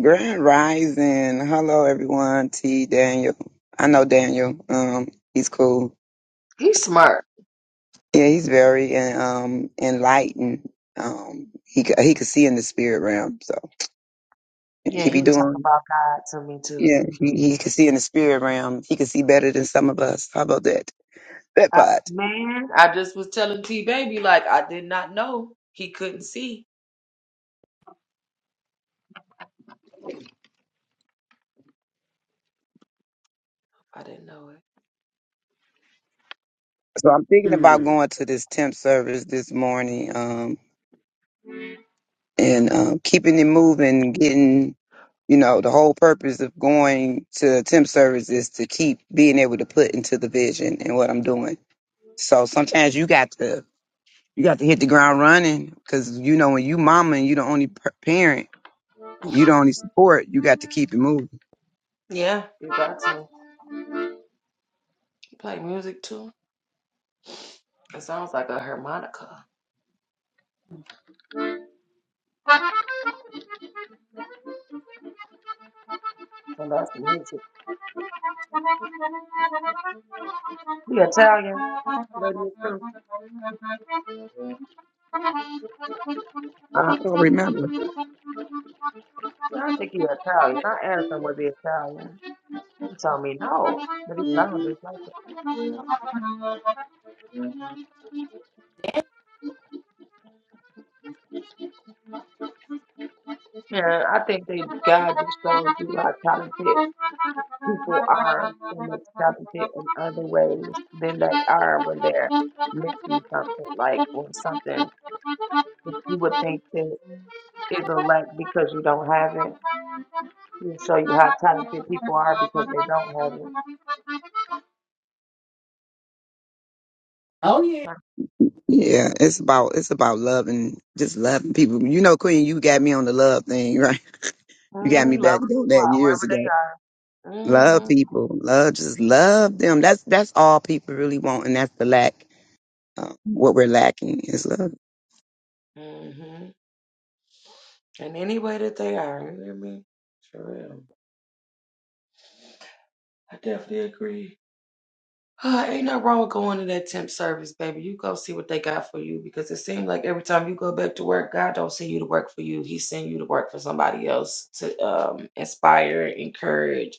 Speaker 5: Grand Rising. Hello, everyone. T. Daniel. I know Daniel. Um, he's cool.
Speaker 1: He's smart.
Speaker 5: Yeah, he's very um enlightened. Um, he c- he could see in the spirit realm, so
Speaker 1: Yeah,
Speaker 5: he
Speaker 1: he
Speaker 5: be
Speaker 1: be talking
Speaker 5: doing.
Speaker 1: about God to me too.
Speaker 5: Yeah, he he could see in the spirit realm. He could see better than some of us. How about that? That
Speaker 1: I,
Speaker 5: part.
Speaker 1: man, I just was telling T Baby like I did not know he couldn't see. I didn't know it.
Speaker 5: So I'm thinking about
Speaker 3: mm.
Speaker 5: going to this temp service this morning. Um, and um, keeping it moving, getting You know, the whole purpose of going to temp service is to keep being able to put into the vision and what I'm doing. So sometimes you got to you got to hit the ground running because you know when you mama and you the only per- parent, you the only support. You got to keep it moving.
Speaker 1: Yeah, you got to. You play music too? It sounds like a harmonica. And that's music. He Italian, lady too.
Speaker 5: I don't remember.
Speaker 1: Yeah, I think he Italian. I asked him was he Italian. He told me no, but he sounded just like it. Yeah, I think that God just shows you how talented people are, and it's talented in other ways than they are when they're missing something, like when something that you would think that is a lack because you don't have it. He'll show you how talented people are because they don't have it.
Speaker 3: Oh yeah.
Speaker 1: Like,
Speaker 5: Yeah, it's about it's about loving, just loving people. You know, Queen, you got me on the love thing, right? You got me
Speaker 1: mm, love
Speaker 5: back on
Speaker 1: people
Speaker 5: that years
Speaker 1: however
Speaker 5: ago.
Speaker 1: they are.
Speaker 5: Love
Speaker 1: Mm-hmm.
Speaker 5: people, love, just love them. That's that's all people really want, and that's the lack. um, what we're lacking is love.
Speaker 1: Mm-hmm. And any way that they are. You hear me? For real. I definitely agree. Ah, ain't nothing wrong with going to that temp service, baby. You go see what they got for you because it seems like every time you go back to work, God don't send you to work for you. He send you to work for somebody else to um, inspire, encourage,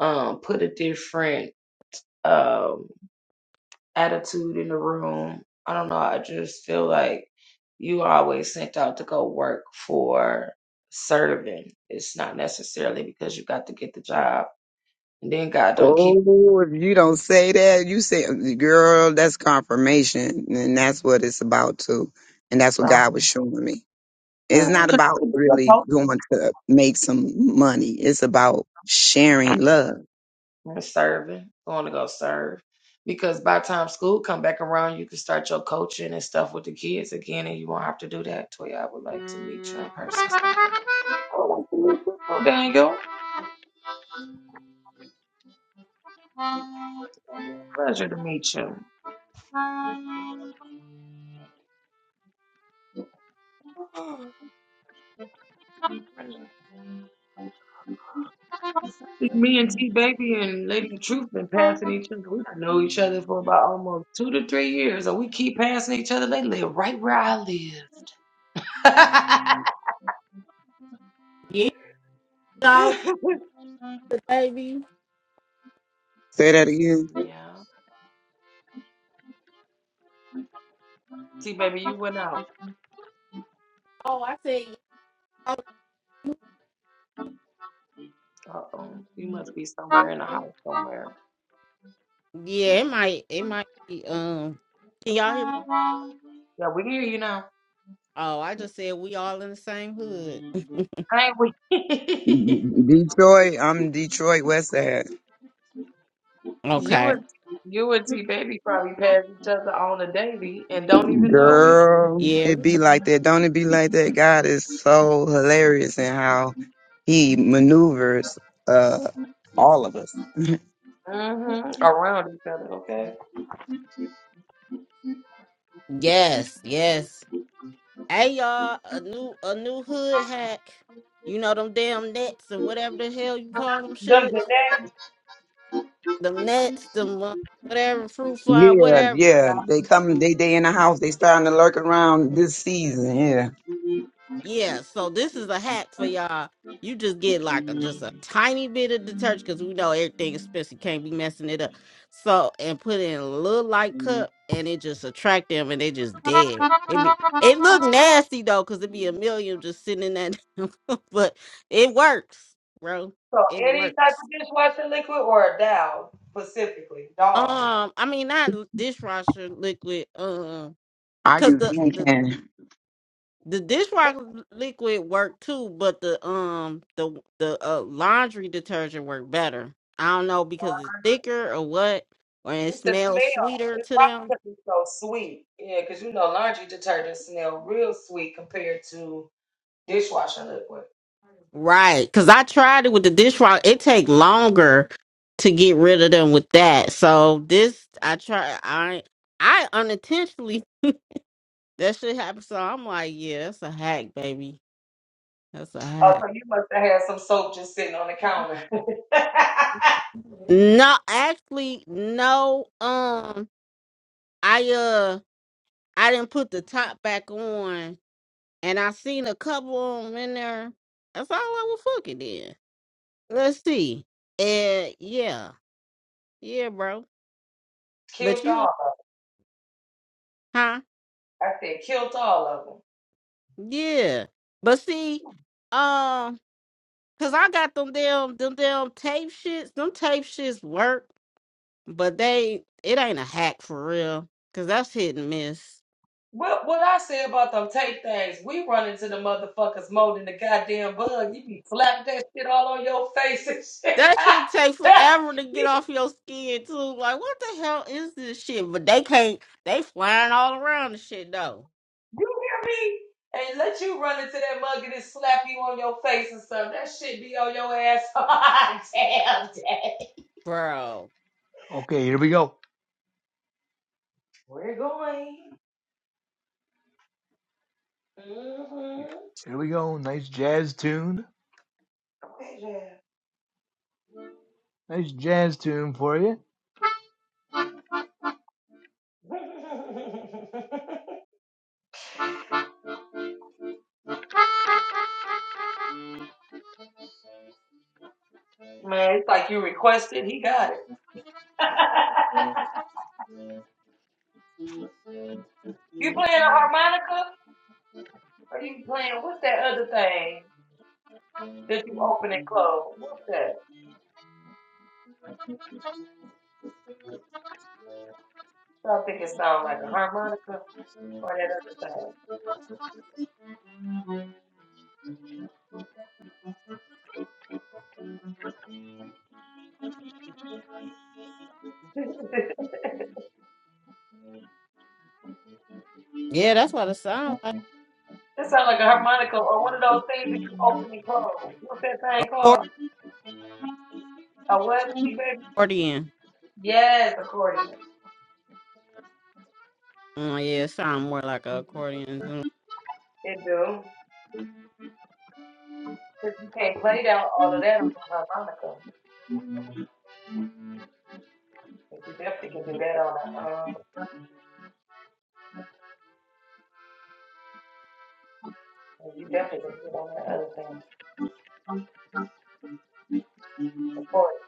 Speaker 1: um, put a different um attitude in the room. I don't know. I just feel like you are always sent out to go work for serving. It's not necessarily because you got to get the job. And then God don't keep you
Speaker 5: Oh, if you don't say that, you say, girl, that's confirmation. And that's what it's about too. And that's what God was
Speaker 1: from
Speaker 5: showing me. It's
Speaker 1: Mhm,
Speaker 5: not
Speaker 1: 'cause you
Speaker 5: about
Speaker 1: could be a
Speaker 5: really
Speaker 1: post
Speaker 5: going to make some money. It's about sharing love.
Speaker 1: and serving, going to go serve. Because by the time school come back around, you can start your coaching and stuff with the kids again, and you won't have to do that. Toya, I would like to meet you in person someday. I would like to meet you, Oh, Daniel. Pleasure to meet you. Me and T Baby and Lady Truth been passing each other. We done know each other for about almost two to three years, and we keep passing each other. They live right where I
Speaker 3: Yeah
Speaker 1: live.
Speaker 3: solid, baby.
Speaker 5: Say that again.
Speaker 1: yeah. T Baby, you went out.
Speaker 3: Oh I said yeah.
Speaker 1: Uh oh. You must be somewhere in the house somewhere.
Speaker 3: Dollar. Yeah, it might it might be um can y'all hear?
Speaker 1: Yeah, we hear you now.
Speaker 3: Oh, I just said we all in the same hood.
Speaker 1: Hey, we
Speaker 5: Detroit, I'm Detroit, West Side.
Speaker 1: you
Speaker 3: Okay.
Speaker 1: and you and T Baby probably pass each other on a daily and don't even know it.
Speaker 5: Girl,
Speaker 3: Yeah.
Speaker 5: it be like that. Don't it be like that? God is so hilarious in how he maneuvers, uh, all of us.
Speaker 1: hmm Around each other, okay?
Speaker 3: Yes. Yes. Hey y'all, a new a new hood hack. You know them damn nets and whatever the hell you call them
Speaker 1: Them
Speaker 3: shits. Them nets, them uh, whatever fruit fly,
Speaker 5: Yeah,
Speaker 3: whatever.
Speaker 5: yeah. They come, they they in the house, they starting to lurk around this season, yeah.
Speaker 3: Yeah, so this is a hack for y'all. You just get like a, just a tiny bit of detergent because we know everything expensive can't be messing it up. So and put it in a little light cup and it just attract them and they just dead. It be it look nasty though because it be a million just sitting in that, but it works, bro.
Speaker 1: So
Speaker 3: It
Speaker 1: any type
Speaker 3: works.
Speaker 1: of dishwashing liquid or a Dow specifically, Dawn.
Speaker 3: Um, I mean not dishwasher liquid. Um,
Speaker 5: I
Speaker 3: because the
Speaker 5: use hand
Speaker 3: the
Speaker 5: candy.
Speaker 3: The dishwasher liquid worked too, but the um the the uh, laundry detergent worked better. I don't know because it's thicker or what, or it
Speaker 1: It's the
Speaker 3: smells
Speaker 1: smell.
Speaker 3: sweeter
Speaker 1: It's
Speaker 3: to
Speaker 1: probably
Speaker 3: them.
Speaker 1: because it's so sweet. Yeah, because you know laundry detergent smell real sweet compared to dishwashing liquid.
Speaker 3: Right, because I tried it with the dishwasher. It take longer to get rid of them with that. So this I try I I unintentionally that shit happened. So I'm like, yeah, that's a hack, baby. That's a
Speaker 1: Oh,
Speaker 3: hack.
Speaker 1: so you must have had some soap just sitting on the counter.
Speaker 3: No, actually, no. Um, I uh. I didn't put the top back on, and I seen a couple of 'em in there. That's all I was fucking did. Let's see. Uh, yeah, yeah, bro. But
Speaker 1: killed all.
Speaker 3: you,
Speaker 1: Of
Speaker 3: huh?
Speaker 1: them. I said killed all of them.
Speaker 3: Yeah. But see, um, cause I got them damn, them damn tape shits. Them tape shits work, but they, it ain't a hack for real. Cause that's hit and miss.
Speaker 1: What what I say about them tape things? We run into the motherfuckers more than the goddamn bug. You be slapping that shit all on your face and shit.
Speaker 3: That shit take forever to get off your skin too. Like, what the hell is this shit? But they can't. They flying all around the shit though,
Speaker 1: You hear me? And let you run into that mug and it slap you on your face and stuff. That shit be on your ass damn day.
Speaker 3: bro.
Speaker 2: Okay, here we go.
Speaker 1: We're going. Mm-hmm.
Speaker 2: Here we go. Nice jazz tune.
Speaker 1: Okay, Jeff.
Speaker 2: Nice jazz tune for you.
Speaker 1: Man, it's like you requested. He got it. you playing a harmonica? Or you playing, what's that other thing that you open and close? What's that? So I think it sounds like a harmonica or that other thing.
Speaker 3: Yeah, that's what it sounds
Speaker 1: That sounds like a harmonica or one of those things that you open and close. What's that thing
Speaker 3: like.
Speaker 1: called? A what, T baby?
Speaker 3: Accordion.
Speaker 1: Yes, accordion.
Speaker 3: Oh yeah, it sound more like an accordion.
Speaker 1: It do. But you can't play down all of that on a harmonica. But you definitely can do that on a um and you definitely can do it on that other thing. Accordion.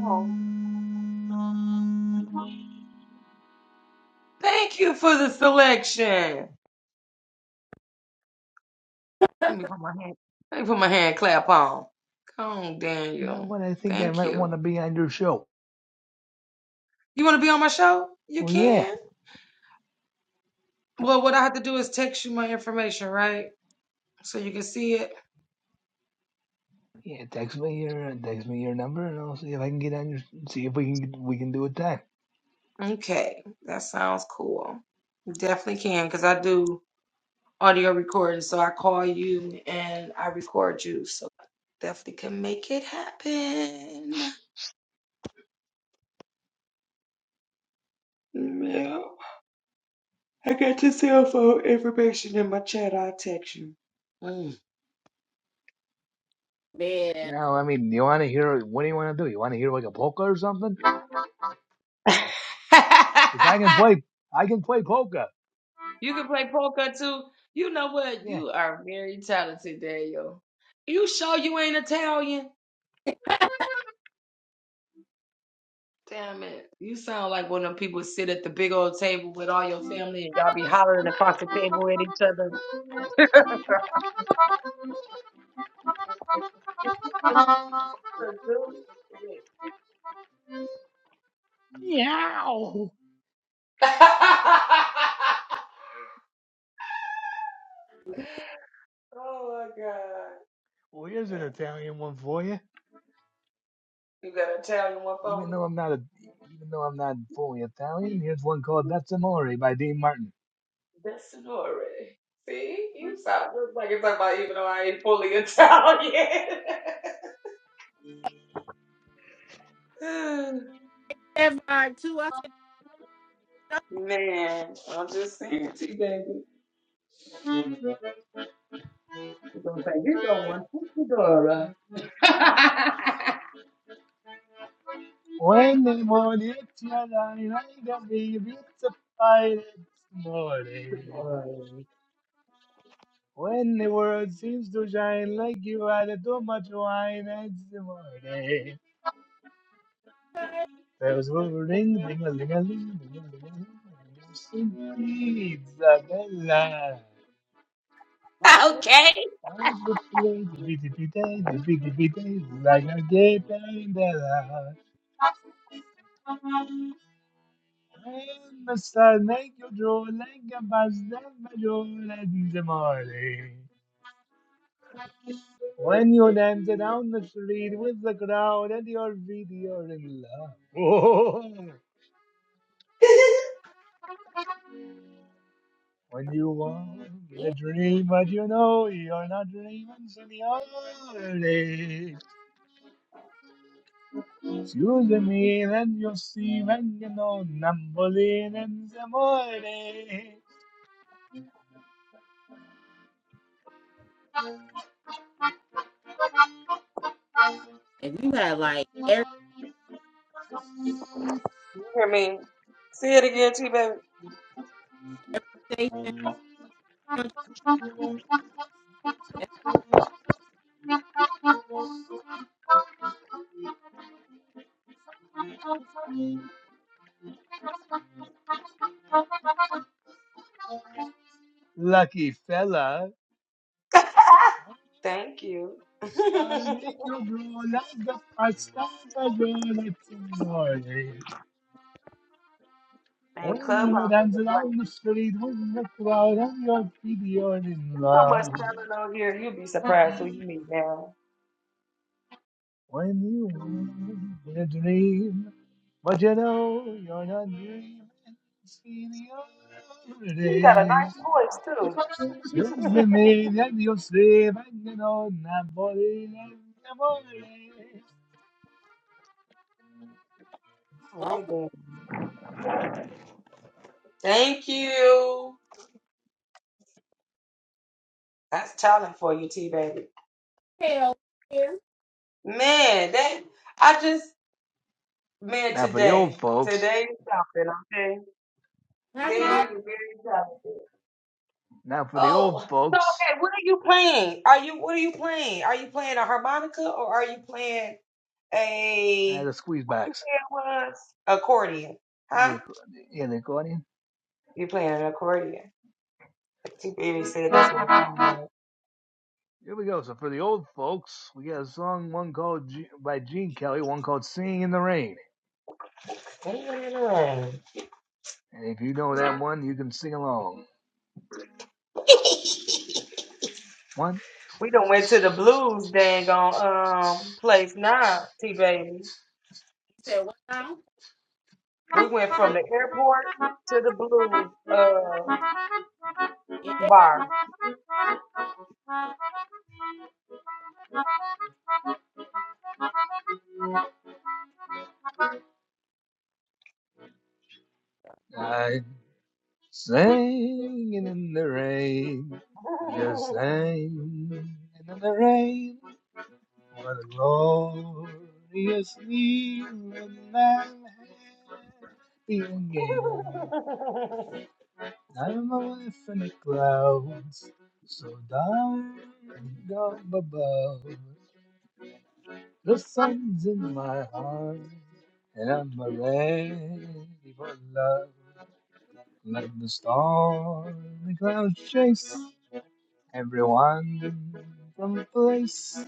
Speaker 1: Oh. Thank you for the selection. Let me put my hand let me put my hand clap on. Come on,
Speaker 2: You know
Speaker 1: Daniel.
Speaker 2: what? I think I
Speaker 1: Thank
Speaker 2: might want
Speaker 1: you.
Speaker 2: to be on your show.
Speaker 1: You wanna be on my show? You
Speaker 2: Well, yeah,
Speaker 1: can. Well, what I have to do is text you my information, right? So you can see it?
Speaker 2: yeah. Text me your uh, text me your number, and I'll see if I can get on your see if we can we can do a time.
Speaker 1: Okay, that sounds cool. Definitely can because I do audio recording. So I call you and I record you. So definitely can make it happen. Yeah. I got your cell phone information in my chat. I'll text you. Mm.
Speaker 2: You
Speaker 3: Yeah,
Speaker 2: know, I mean, you want to hear? What do you want to do? You want to hear like a polka or something? Because I can play, I can play polka.
Speaker 1: you can play poker too. You know what?
Speaker 2: Yeah.
Speaker 1: You are very talented, Daniel. You sure you ain't Italian? Damn it. You sound like one of them people sit at the big old table with all your family and y'all be hollering across the table at each other.
Speaker 2: Meow.
Speaker 1: oh my god.
Speaker 2: Well, here's an Italian one for you.
Speaker 1: You got Italian one for
Speaker 2: Even
Speaker 1: me?
Speaker 2: though I'm not a, even though I'm not fully Italian, here's one called "That's Amore" by Dean Martin.
Speaker 1: That's Sonore. See? You sound just like you're talking about even though I ain't fully Italian.
Speaker 3: that vibe too. I said,
Speaker 1: Man, I'm just saying to you, baby. You're gonna say you're gonna want one. Fedora.
Speaker 2: When the morning shine, I can be beautified this morning. When the world seems to shine like you had too much wine, it's the morning.
Speaker 3: okay,
Speaker 2: Bells will ring, ding a ling a ling, ding a ling a ling. Isabella.
Speaker 3: vocals.
Speaker 1: okay.
Speaker 2: I go play the big big day, the big big day, like a gay pandella. And the sun make you drool like a bastard, my drool in the morning. When you dance down the street with the crowd and your feet are in love. Oh, when you want the
Speaker 3: Yeah,
Speaker 2: dream, but you know you're not dreaming, so senor. Excuse me, then you will see when you know Nambolin in the morning.
Speaker 3: if you had like
Speaker 1: You hear me? Say it again, T baby.
Speaker 3: everything, that's
Speaker 2: Lucky fella.
Speaker 1: Thank you. and
Speaker 2: Star make you grow like the pasta, the girl at the morning. When
Speaker 1: Clubhouse
Speaker 2: you
Speaker 1: is
Speaker 2: dance
Speaker 1: a place.
Speaker 2: on the street with the crowd and your feet you're in
Speaker 1: There's so much
Speaker 2: love.
Speaker 1: talent on here. You'll be surprised who you meet now.
Speaker 2: When you live in a dream, but you know you're not dreaming. See the other
Speaker 1: You got a
Speaker 2: day.
Speaker 1: nice voice too.
Speaker 2: Since the maniac you're safe and you know Napoli, Napoli.
Speaker 1: All right
Speaker 3: vocal
Speaker 1: then. Thank you. That's talent for you, T baby.
Speaker 3: hell yeah.
Speaker 1: Man, that I just man
Speaker 2: Now for the old
Speaker 1: today.
Speaker 2: folks.
Speaker 1: Today is something, okay?
Speaker 3: Have a
Speaker 1: Daniel,
Speaker 3: good.
Speaker 1: you're very talented.
Speaker 2: Now for the old
Speaker 1: Oh, so
Speaker 2: folks.
Speaker 1: okay, what are you playing? Are you what are you playing? Are you playing a harmonica or are you playing?
Speaker 2: And the
Speaker 1: a what you
Speaker 2: squeezebacks.
Speaker 1: say it was? Accordion.
Speaker 2: And
Speaker 1: Huh?
Speaker 2: the, acc- and the accordion.
Speaker 1: You're playing an accordion. T Baby said that's what it sounded like.
Speaker 2: Here we go. So for the old folks, we got a song, one called G- by Gene Kelly, one called "Singing in the Rain."
Speaker 1: Ain't it alone?
Speaker 2: And if you know that one, you can sing along. One,
Speaker 1: We done went to the blues dang on um place now, T Baby.
Speaker 3: He said, wow.
Speaker 1: We went from the airport to the blues uh
Speaker 3: Yeah.
Speaker 1: bar.
Speaker 2: I singing in the rain, just singing in the rain. What the glorious evening I'm having again. I'm away from the clouds, so down up above. The sun's in my heart, and I'm ready for love. Let the storm and clouds chase everyone from the place.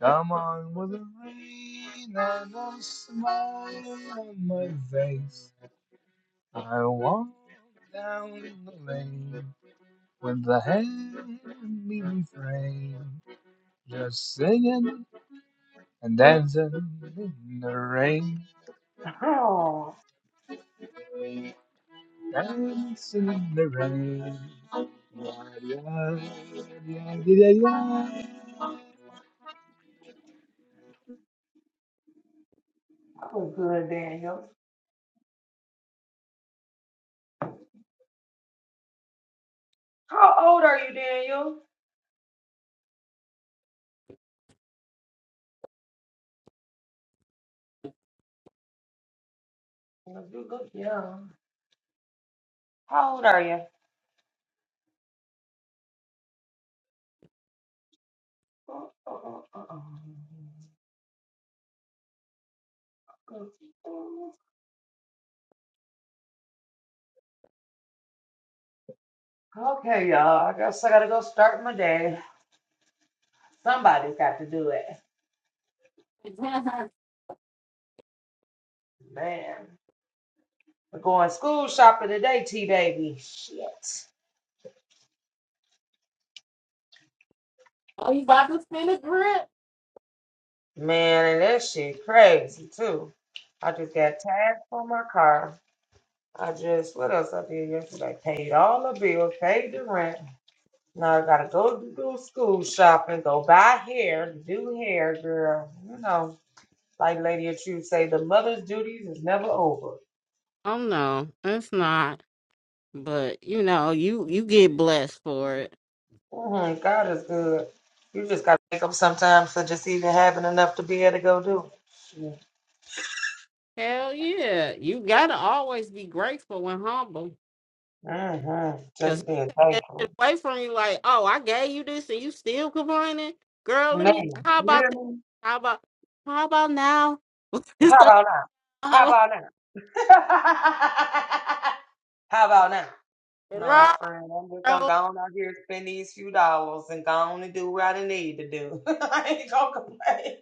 Speaker 2: Come on with the rain and a smile on my face. I walk down the lane with the heavy refrain, just singing and dancing in the rain.
Speaker 1: Oh,
Speaker 2: Dance in the rain. Yeah, yeah, yeah, yeah.
Speaker 1: that was good, Daniel. How old are you, Daniel? You look young. How old are you? Okay, y'all. I guess I gotta go start my day. Somebody's got to do it. Man. We're going school shopping today, T baby. Shit.
Speaker 3: oh, you about to spin a grip?
Speaker 1: Man, and that shit crazy too. I just got tags for my car. I just what else I did yesterday? Paid all the bills, paid the rent. Now I gotta go do do school shopping, go buy hair, do hair, girl. You know, like Lady of Truth say, the mother's duties is never over.
Speaker 3: Oh no, it's not. But you know, you you get blessed for it.
Speaker 1: Mhm, God is good. You just gotta wake up sometimes for just even having enough to be able to go do. it.
Speaker 3: Hell yeah, you gotta always be grateful and humble.
Speaker 1: Mhm,
Speaker 3: Cause
Speaker 1: Just being
Speaker 3: he take that shit
Speaker 1: thankful,
Speaker 3: away from you, like, oh, I gave you this and you still complaining, girl. Let
Speaker 1: man.
Speaker 3: me. How
Speaker 1: You
Speaker 3: about
Speaker 1: hear
Speaker 3: this?
Speaker 1: me?
Speaker 3: How about how about now?
Speaker 1: How
Speaker 3: So,
Speaker 1: about now? How
Speaker 3: how about-
Speaker 1: about now? How about now? No,
Speaker 3: right,
Speaker 1: friend, I'm just gonna
Speaker 3: bro.
Speaker 1: go on out here spend these few dollars and go on and do what I need to do. I ain't gonna complain.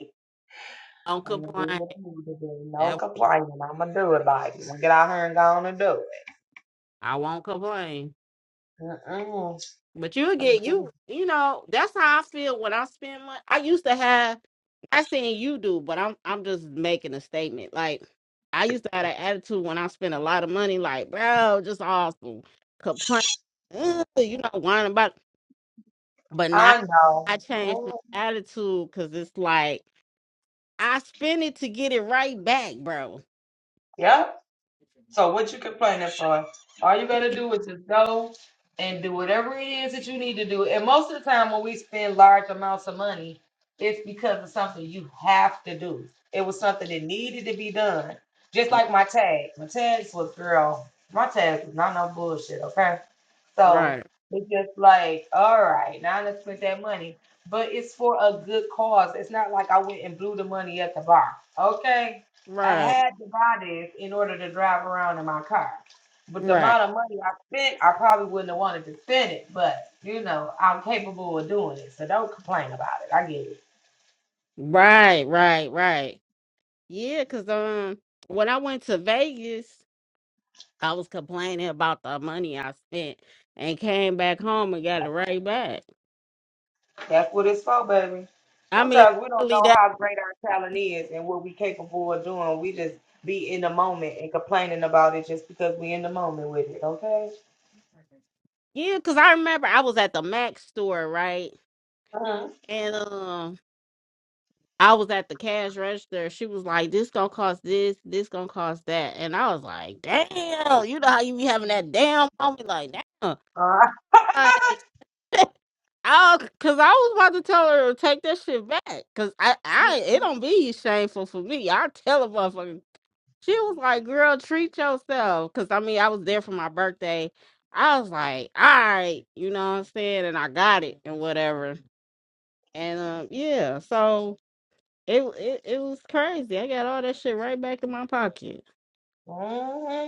Speaker 3: Don't
Speaker 1: I'm gonna do
Speaker 3: complain.
Speaker 1: what I need to do. No
Speaker 3: That-
Speaker 1: complaining. I'm gonna do it like I'm gonna get out here and go on and do it.
Speaker 3: I won't complain.
Speaker 1: Mm-mm.
Speaker 3: But you again, you you know, that's how I feel when I spend money. I used to have I saying you do, but I'm I'm just making a statement. Like I used to have that attitude when I spent a lot of money, like, bro, just awesome. Complain, ugh, you know, whining about it. but now
Speaker 1: I know.
Speaker 3: I changed my
Speaker 1: Mm,
Speaker 3: attitude because it's like I spend it to get it right back, bro.
Speaker 1: Yep. So what you complaining for? All you gotta do is just go and do whatever it is that you need to do. And most of the time when we spend large amounts of money, it's because of something you have to do. It was something that needed to be done. Just like my tag. My tags was girl. My tags was not no bullshit, okay? So
Speaker 3: Right,
Speaker 1: it's just like, all right, now let's spend that money. But it's for a good cause. It's not like I went and blew the money at the bar. Okay. I
Speaker 3: right,
Speaker 1: had to buy this in order to drive around in my car. But the
Speaker 3: right,
Speaker 1: amount of money I spent, I probably wouldn't have wanted to spend it. But you know, I'm capable of doing it. So don't complain about it. I get it.
Speaker 3: right, right, right. Yeah, cause um, when I went to Vegas, I was complaining about the money I spent, and came back home and got it right back.
Speaker 1: That's what it's for, baby.
Speaker 3: I mean,
Speaker 1: Sometimes we don't
Speaker 3: really,
Speaker 1: know
Speaker 3: that
Speaker 1: how great our talent is and what we're capable of doing. We just be in the moment and complaining about it just because we in the moment with it, okay?
Speaker 3: yeah, cause I remember I was at the Mac store, right,
Speaker 1: Mm-hmm.
Speaker 3: and um, I was at the cash register. She was like, "This gonna cost this, this gonna cost that," and I was like, "Damn, you know how you be having that damn moment, like damn."
Speaker 1: All right.
Speaker 3: like, Oh, cause I was about to tell her to take that shit back. Cause I, I, it don't be shameful for me. I tell a motherfucker. She was like, "Girl, treat yourself." Cause I mean, I was there for my birthday. I was like, "All right," you know what I'm saying, and I got it and whatever. And um, yeah, so it it it was crazy. I got all that shit right back in my pocket.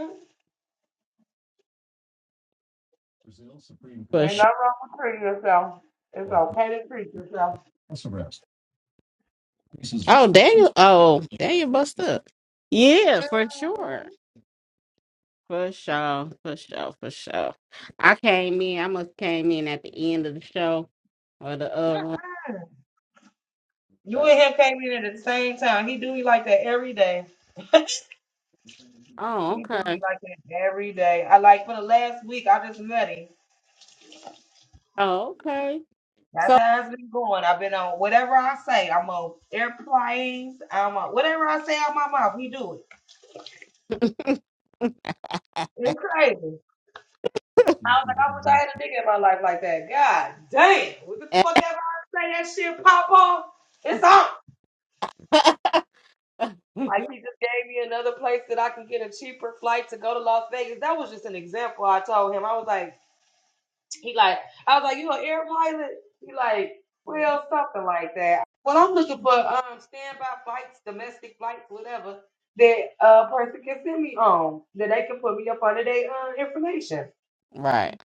Speaker 1: mm-hmm.
Speaker 3: For
Speaker 1: Ain't nothing
Speaker 3: sure.
Speaker 1: wrong with treating yourself. It's okay to treat yourself.
Speaker 3: Oh, Daniel. Oh, Daniel bust up. Yeah, for sure.
Speaker 1: Mhm.
Speaker 3: For sure, for sure, for sure. I came in, I must came in at the end of the show or the uh room,
Speaker 1: You
Speaker 3: but
Speaker 1: and him came in at the same time. He do me like that every day.
Speaker 3: oh
Speaker 1: He do me
Speaker 3: okay.
Speaker 1: like that every day. I like for the last week, I just met him.
Speaker 3: Oh, okay.
Speaker 1: That's
Speaker 3: So
Speaker 1: how it's been going. I've been on whatever I say. I'm on airplanes. I'm on whatever I say out my mouth. He do it. It's crazy. I was like, I wish I had a nigga in my life like that. God damn. What the fuck ever I say that shit pop off? It's on. Like he just gave me another place that I can get a cheaper flight to go to Las Vegas. That was just an example. I told him. I was like. He like, I was like, you an air pilot? He like, well, something like that. Well, I'm looking for um standby flights, domestic flights, whatever that uh person can send me on, that they can put me up under their uh, information.
Speaker 3: Right.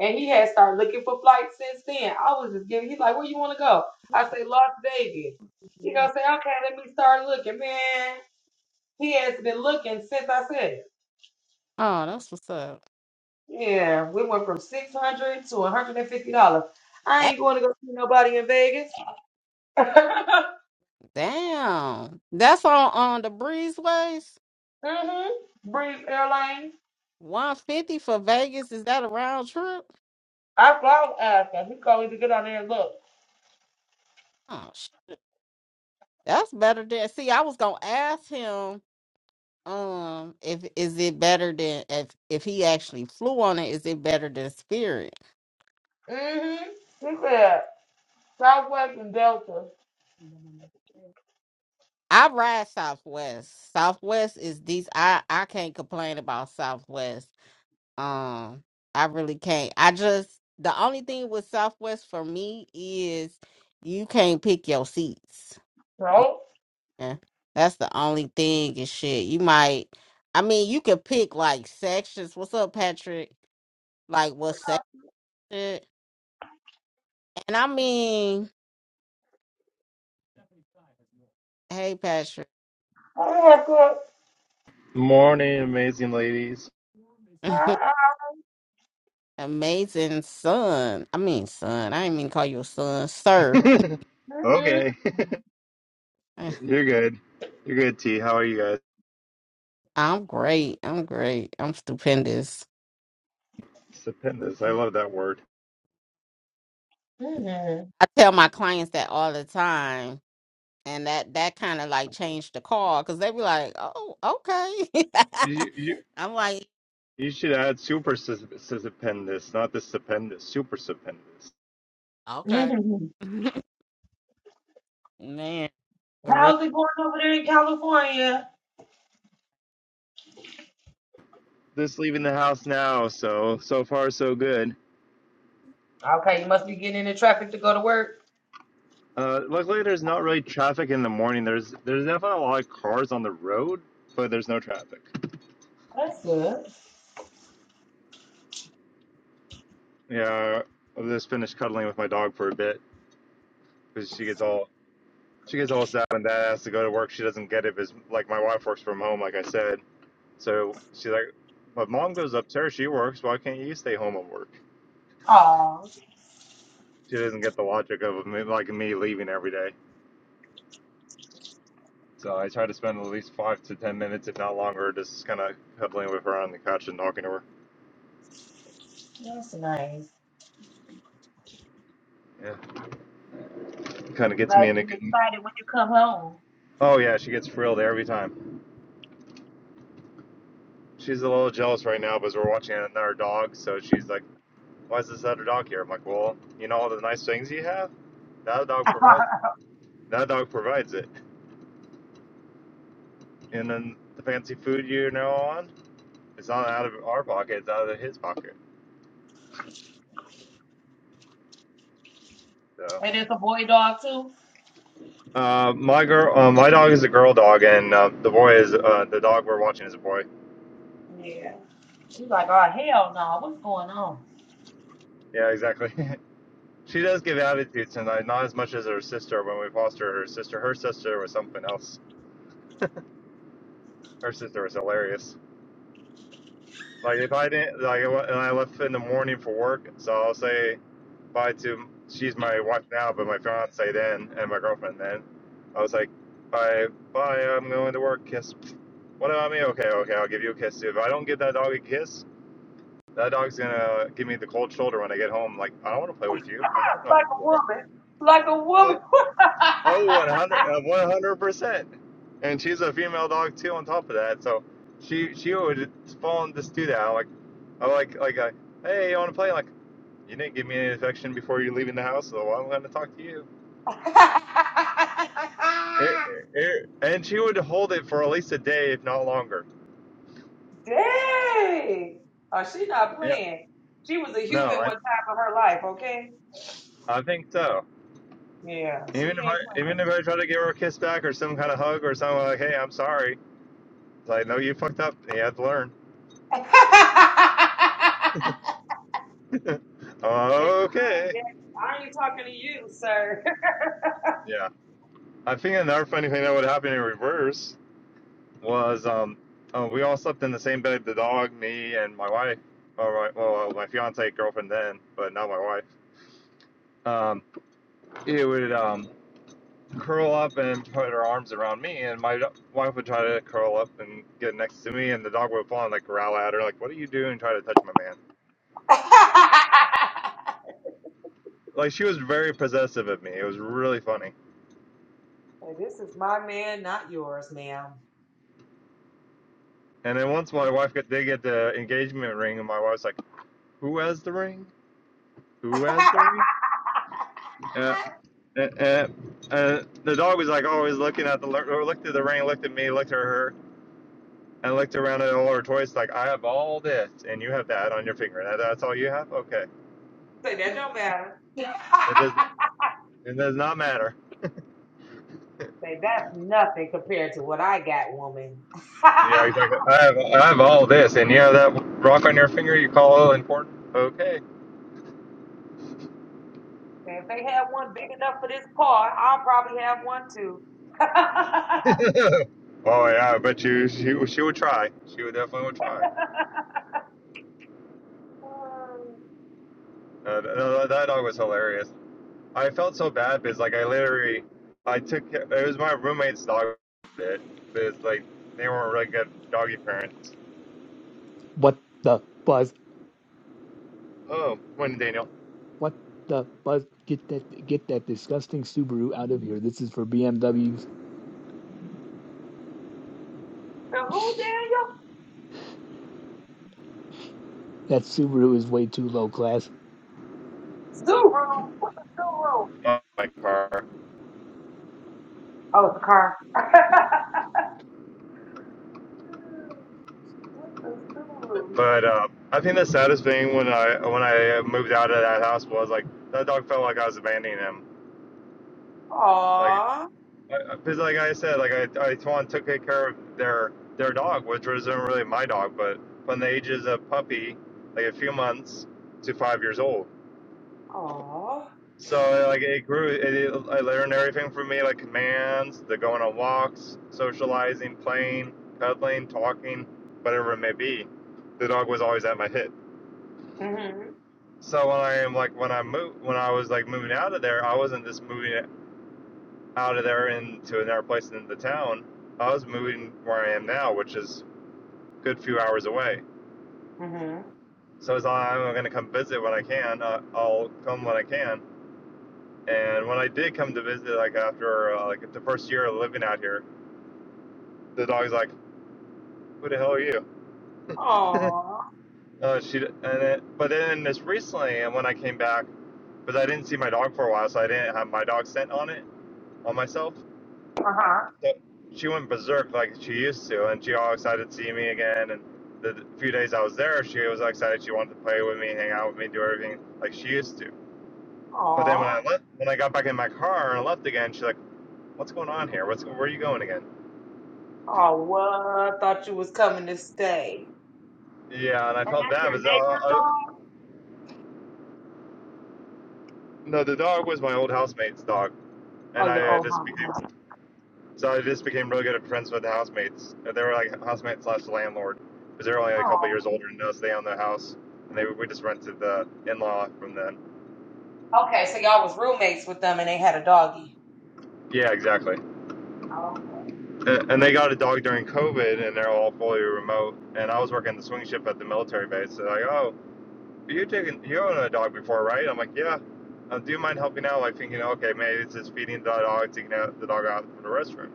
Speaker 1: And he had started looking for flights since then. I was just giving. He's like, where you want to go? I say Las Vegas. He gonna say, okay, let me start looking, man. He has been looking since I said it.
Speaker 3: Oh, that's what's up.
Speaker 1: Yeah, we went from six hundred to one hundred and fifty dollars. I
Speaker 3: That-
Speaker 1: ain't going to go see nobody in Vegas.
Speaker 3: Damn. That's on on the breezeways.
Speaker 1: mhm. Breeze Airlines.
Speaker 3: One fifty for Vegas. Is that a round trip?
Speaker 1: That's what I was asking. He told me to get on there and look.
Speaker 3: Oh sh- that's better than see, I was gonna ask him Um, if is it better than if if he actually flew on it, is it better than Spirit?
Speaker 1: Mhm. He said Southwest and Delta.
Speaker 3: I ride Southwest. Southwest is these. I I can't complain about Southwest. Um, I really can't. I just the only thing with Southwest for me is you can't pick your seats.
Speaker 1: So
Speaker 3: Yeah, that's the only thing and shit. You might. I mean, you can pick like sections. What's up, Patrick? Like what section? And I mean. Hey, Patrick.
Speaker 1: I looked up.
Speaker 6: Morning, amazing ladies.
Speaker 1: Ah,
Speaker 3: Amazing son. I mean, son. I didn't mean to call you a son, sir.
Speaker 1: Mhm.
Speaker 6: Okay, you're good. You're good, T. How are you guys?
Speaker 3: I'm great. I'm great. I'm stupendous.
Speaker 6: Stupendous. I love that word.
Speaker 1: Mhm.
Speaker 3: I tell my clients that all the time. And that, that kind of like changed the call because they be like, oh, okay.
Speaker 6: You you,
Speaker 3: I'm like,
Speaker 6: you should add super sus- stupendous, not the stupendous. Super stupendous.
Speaker 3: okay.
Speaker 1: Mhm.
Speaker 3: Man, for real.
Speaker 1: How's it going over there in California?
Speaker 6: Just leaving the house now, so so far so good.
Speaker 1: Okay, you must be getting into traffic to go to work.
Speaker 6: Uh, luckily there's not really traffic in the morning. There's there's definitely a lot of cars on the road, but there's no traffic.
Speaker 1: That's good.
Speaker 6: Yeah, I just finished cuddling with my dog for a bit because she gets all she gets almost out and dad has to go to work. She doesn't get it because like my wife works from home, like I said. So she's like, my mom goes upstairs, she works. Why can't you stay home and work?
Speaker 1: Oh,
Speaker 6: She doesn't get the logic of me, like me leaving every day. So I try to spend at least five to ten minutes, if not longer, just kind of cuddling with her on the couch and talking to her.
Speaker 1: that's nice.
Speaker 6: Yeah, it kind of gets
Speaker 1: About
Speaker 6: me in a
Speaker 1: to be
Speaker 6: good.
Speaker 1: excited when you come home.
Speaker 6: Oh yeah, she gets thrilled every time. She's a little jealous right now because we're watching another dog. So she's like, "Why is this other dog here?" I'm like, "Well, you know all the nice things you have. That dog provides." That dog provides it. And then the fancy food you're now on, it's not out of our pocket, it's out of his pocket. So,
Speaker 1: And it's a boy dog too.
Speaker 6: uh, my girl, uh, my dog is a girl dog, and uh, the boy is uh, the dog we're watching is a boy.
Speaker 1: Yeah. She's like, oh hell no, what's going on?
Speaker 6: Yeah, exactly. she does give attitudes, and not as much as her sister when we fostered her sister. Her sister was something else. Her sister was hilarious. Like if I didn't like, and I left in the morning for work, so I'll say bye to she's my wife now, but my fiance then and my girlfriend then. I was like, bye, bye. I'm going to work. Kiss. What about me? Okay, okay. I'll give you a kiss. If I don't give that dog a kiss, that dog's gonna give me the cold shoulder when I get home. Like I don't want to play with you. I don't know
Speaker 1: like
Speaker 6: who
Speaker 1: a
Speaker 6: you
Speaker 1: woman, like a
Speaker 6: are.
Speaker 1: woman.
Speaker 6: Oh, 100, percent. And she's a female dog too. On top of that, so she she would fall and just do that. Like I like like uh, hey, you want to play? Like you didn't give me any affection before you leaving the house, so I'm going to talk to you. It, it, and she would hold it for at least a day, if not longer.
Speaker 1: Dang. Oh, she not
Speaker 6: Yeah.
Speaker 1: playing. She was a
Speaker 6: No,
Speaker 1: human
Speaker 6: I,
Speaker 1: one time of her life, okay?
Speaker 6: I think so.
Speaker 1: Yeah, she
Speaker 6: Even if I
Speaker 1: ain't
Speaker 6: even
Speaker 1: playing.
Speaker 6: if I try to give her a kiss back or some kind of hug or something like, hey, I'm sorry. It's like, no, you fucked up. You have to learn.
Speaker 1: Say, "Hi,
Speaker 6: Okay.
Speaker 1: Jack. I ain't talking to you, sir.
Speaker 6: Yeah. I think another funny thing that would happen in reverse was um, uh, we all slept in the same bed. The dog, me, and my wife. All right. Well, uh, my fiance, girlfriend then, but not my wife. Um, it would um, curl up and put her arms around me, and my wife would try to curl up and get next to me, and the dog would fall and like growl at her, like, "What are you doing? Trying to touch my man?" Like she was very possessive of me. It was really funny.
Speaker 1: Say, this is my man, not yours, ma'am.
Speaker 6: And then once my wife got, they get the engagement ring, and my wife's like, "Who has the ring? Who has the ring?" Uh, uh, uh, uh, the dog was like always looking at the looked at the ring, looked at me, looked at her. And looked around at all her toys, like I have all this, and you have that on your finger. That, that's all you have. Okay,
Speaker 1: Say, that don't matter.
Speaker 6: it doesn't. It does not matter.
Speaker 1: Say, that's nothing compared to what I got, woman. Say,
Speaker 6: Yeah, exactly. I have I have all this, and you know that rock on your finger you call oil important? Okay.
Speaker 1: if they had one big enough for this car, I'll probably have one too.
Speaker 6: oh yeah, I bet you she she would try. She would definitely would try.
Speaker 1: Um,
Speaker 6: Uh, th- that dog was hilarious. I felt so bad because like I literally I took it was my roommate's dog. It because like they weren't really good doggy parents.
Speaker 2: What the buzz?
Speaker 6: Oh, when Daniel
Speaker 2: What the buzz? Get that get that disgusting Subaru out of here. This is for BMWs.
Speaker 1: the who,
Speaker 2: That Subaru is way too low class.
Speaker 1: Daniel? Subaru. What's a Subaru?
Speaker 6: in my car.
Speaker 1: Oh, it's a car. What's a Subaru?
Speaker 6: But uh, I think the saddest thing when I when I moved out of that house was like that dog felt like I was abandoning him. Like
Speaker 1: Aww.
Speaker 6: because like I said, like I, I Tuan took good care of their their dog, which wasn't really my dog, but from the ages of puppy, like a few months to five years old.
Speaker 1: Aww.
Speaker 6: So like it grew. It, it, I learned everything from me, like commands, the going on walks, socializing, playing, cuddling, talking, whatever it may be. The dog was always at my hip.
Speaker 1: Mm-hmm.
Speaker 6: So when I am like when I moved when I was like moving out of there, I wasn't just moving out of there into another place in the town. I was moving where I am now, which is a good few hours away.
Speaker 1: Mm-hmm.
Speaker 6: So I like, I'm going to come visit when I can. Uh, I'll come when I can. And when I did come to visit, like after uh, like the first year of living out here, the dog's like, "Who the hell are you?"
Speaker 1: Aww.
Speaker 6: uh, she and it, but then this recently, and when I came back, because I didn't see my dog for a while, so I didn't have my dog scent on it on myself.
Speaker 1: Uh-huh.
Speaker 6: So she went berserk like she used to, and she all excited to see me again. And the few days I was there, she was excited. She wanted to play with me, hang out with me, do everything like she used to But then when I
Speaker 1: Aww.
Speaker 6: left, when I got back in my car and I left again, she's like, "What's going on here? What's where are you going again?"
Speaker 1: Oh, what? I Thought you was coming to stay.
Speaker 6: Yeah, and I
Speaker 1: And
Speaker 6: felt
Speaker 1: that's
Speaker 6: bad
Speaker 1: your
Speaker 6: because uh,
Speaker 1: neighbor's
Speaker 6: uh,
Speaker 1: dog?
Speaker 6: no, the dog was my old housemate's dog,
Speaker 1: Oh,
Speaker 6: and I
Speaker 1: your
Speaker 6: uh,
Speaker 1: old
Speaker 6: just
Speaker 1: home.
Speaker 6: became so I just became really good at friends with the housemates. Uh, They were like housemate slash landlord because they were only like a
Speaker 1: Oh,
Speaker 6: couple years older than us. They owned the house, and they we just rented the in law from them.
Speaker 1: okay. So y'all was roommates with them, and they had a doggy.
Speaker 6: Yeah, exactly.
Speaker 1: Oh,
Speaker 6: Uh, And they got a dog during COVID, and they're all fully remote. And I was working the swing shift at the military base, so like, oh, You're taking you're a dog before, right? I'm like, yeah. Um, do you mind helping out? Like thinking, okay, maybe it's just feeding the dog, taking out the dog out from the restroom.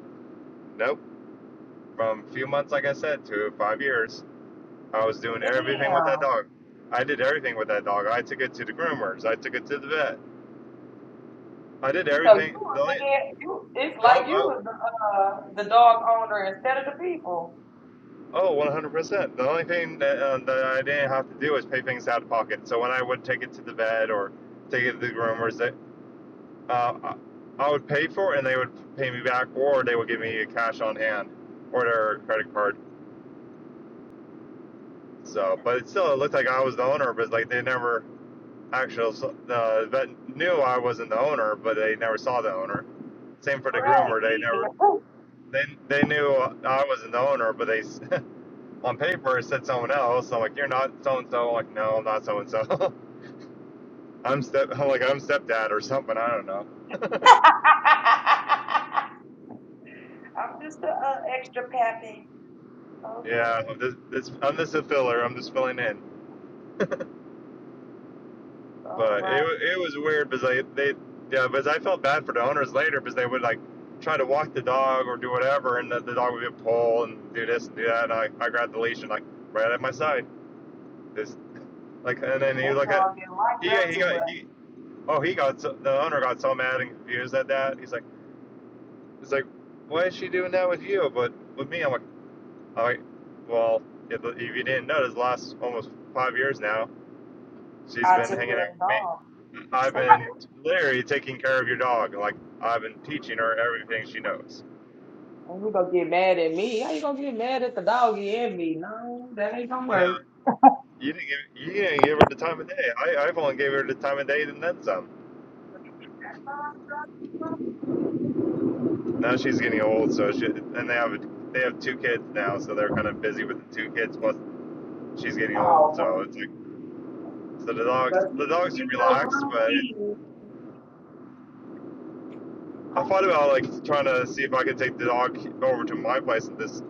Speaker 6: Nope. From a few months, like I said, to five years, I was doing everything with that
Speaker 1: damn.
Speaker 6: dog. I did everything with that dog. I took it to the groomers. I took it to the vet. I did
Speaker 1: So you
Speaker 6: everything. The
Speaker 1: was the
Speaker 6: only,
Speaker 1: dad- you. It's
Speaker 6: oh,
Speaker 1: like you
Speaker 6: oh,
Speaker 1: was the uh, the dog owner instead of the people.
Speaker 6: oh, 100%. The only thing that, um, that I didn't have to do was pay things out of pocket. So when I would take it to the vet or take it to the groomers, they uh, I- would pay for it and they would pay me back, or they would give me a cash on hand or their credit card. So, but it still it looked like I was the owner, but like they never actually uh, the vet knew I wasn't the owner, but they never saw the owner. Same for the
Speaker 1: Right.
Speaker 6: groomer, they
Speaker 1: Even.
Speaker 6: never they they knew I wasn't the owner, but they on paper it said someone else. I'm like, you're not so and so. Like, no, I'm not so and so. I'm step I'm like I'm stepdad or something. I don't know.
Speaker 1: I'm just a uh, extra pappy. Okay.
Speaker 6: Yeah, I'm just, I'm just a filler. I'm just filling in.
Speaker 1: All
Speaker 6: But it
Speaker 1: right.
Speaker 6: it was weird because they they yeah, because I felt bad for the owners later because they would like try to walk the dog or do whatever, and the, the dog would get pulled and do this and do that. And I, I grabbed the leash and like right at my side, this like, and then he
Speaker 1: They
Speaker 6: was like, he
Speaker 1: dog didn't like them
Speaker 6: yeah, he
Speaker 1: too
Speaker 6: got
Speaker 1: much.
Speaker 6: he oh he got so, the owner got so mad and confused at that. He's like, he's like, why is she doing that with you? But with me, I'm like, all right, well, if, if you didn't notice, the last almost five years now, she's
Speaker 1: I
Speaker 6: been
Speaker 1: took
Speaker 6: hanging
Speaker 1: care
Speaker 6: out
Speaker 1: of
Speaker 6: with me.
Speaker 1: the
Speaker 6: I've
Speaker 1: dog.
Speaker 6: been literally taking care of your dog. Like I've been teaching her everything she knows.
Speaker 1: And you gonna get mad at me? How you gonna get mad at the doggy and me? No, that ain't gonna
Speaker 6: Yeah,
Speaker 1: work.
Speaker 6: you didn't give you didn't give her the time of day. I I've only gave her the time of day and then some. Now she's getting old, so she and they have they have two kids now, so they're kind of busy with the two kids. Plus she's getting old,
Speaker 1: Oh,
Speaker 6: so it's like so the dogs
Speaker 1: but
Speaker 6: the
Speaker 1: he,
Speaker 6: dogs
Speaker 1: he
Speaker 6: are
Speaker 1: knows what
Speaker 6: relaxed,
Speaker 1: I
Speaker 6: but it,
Speaker 1: mean.
Speaker 6: I thought about like trying to see if I could take the dog over to my place and just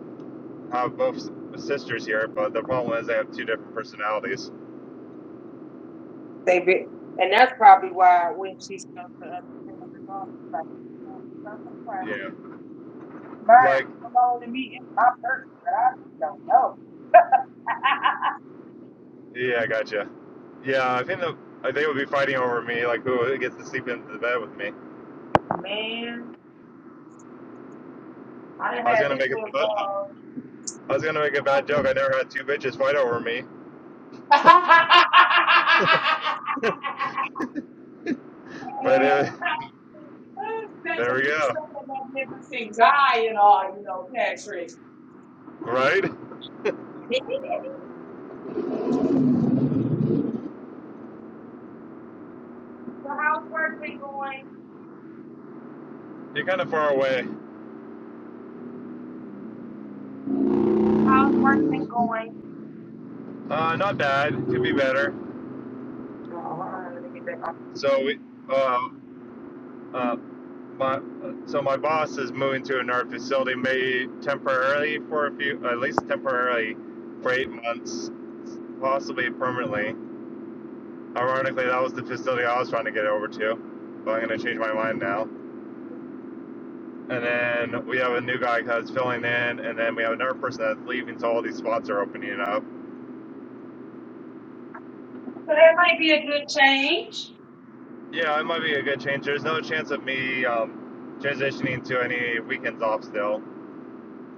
Speaker 6: have both sisters here. But the problem is they have two different personalities.
Speaker 1: They be, and that's probably why when she comes to us, she's like,
Speaker 6: Yeah
Speaker 1: "Mine,
Speaker 6: like
Speaker 1: come on to me, it's my person, but I just don't know."
Speaker 6: Yeah, I gotcha. Yeah, I think the, I think it would be fighting over me, like who gets to sleep in the bed with me.
Speaker 1: Man, I done
Speaker 6: I was
Speaker 1: had
Speaker 6: gonna
Speaker 1: this
Speaker 6: make a,
Speaker 1: little
Speaker 6: I was gonna make a bad joke.
Speaker 1: dog.
Speaker 6: I never had two bitches fight over me, but uh,
Speaker 1: Such
Speaker 6: there
Speaker 1: a
Speaker 6: we go.
Speaker 1: such a magnificent guy and all, you know, Patrick. so
Speaker 6: Right?
Speaker 1: how's work been going?
Speaker 6: You're kind of far away.
Speaker 1: How's work been going?
Speaker 6: Uh, not bad. Could be better.
Speaker 1: Oh, hold on, let me get back on.
Speaker 6: So we, uh, uh, my, so my boss is moving to another facility, maybe temporarily for a few, at least temporarily, for eight months, possibly permanently. Ironically, that was the facility I was trying to get over to, but I'm going to change my mind now. And then we have a new guy that's filling in, and then we have another person that's leaving, so all these spots are opening up.
Speaker 1: So that might be a good change.
Speaker 6: Yeah, it might be a good change. There's no chance of me um, transitioning to any weekends off still,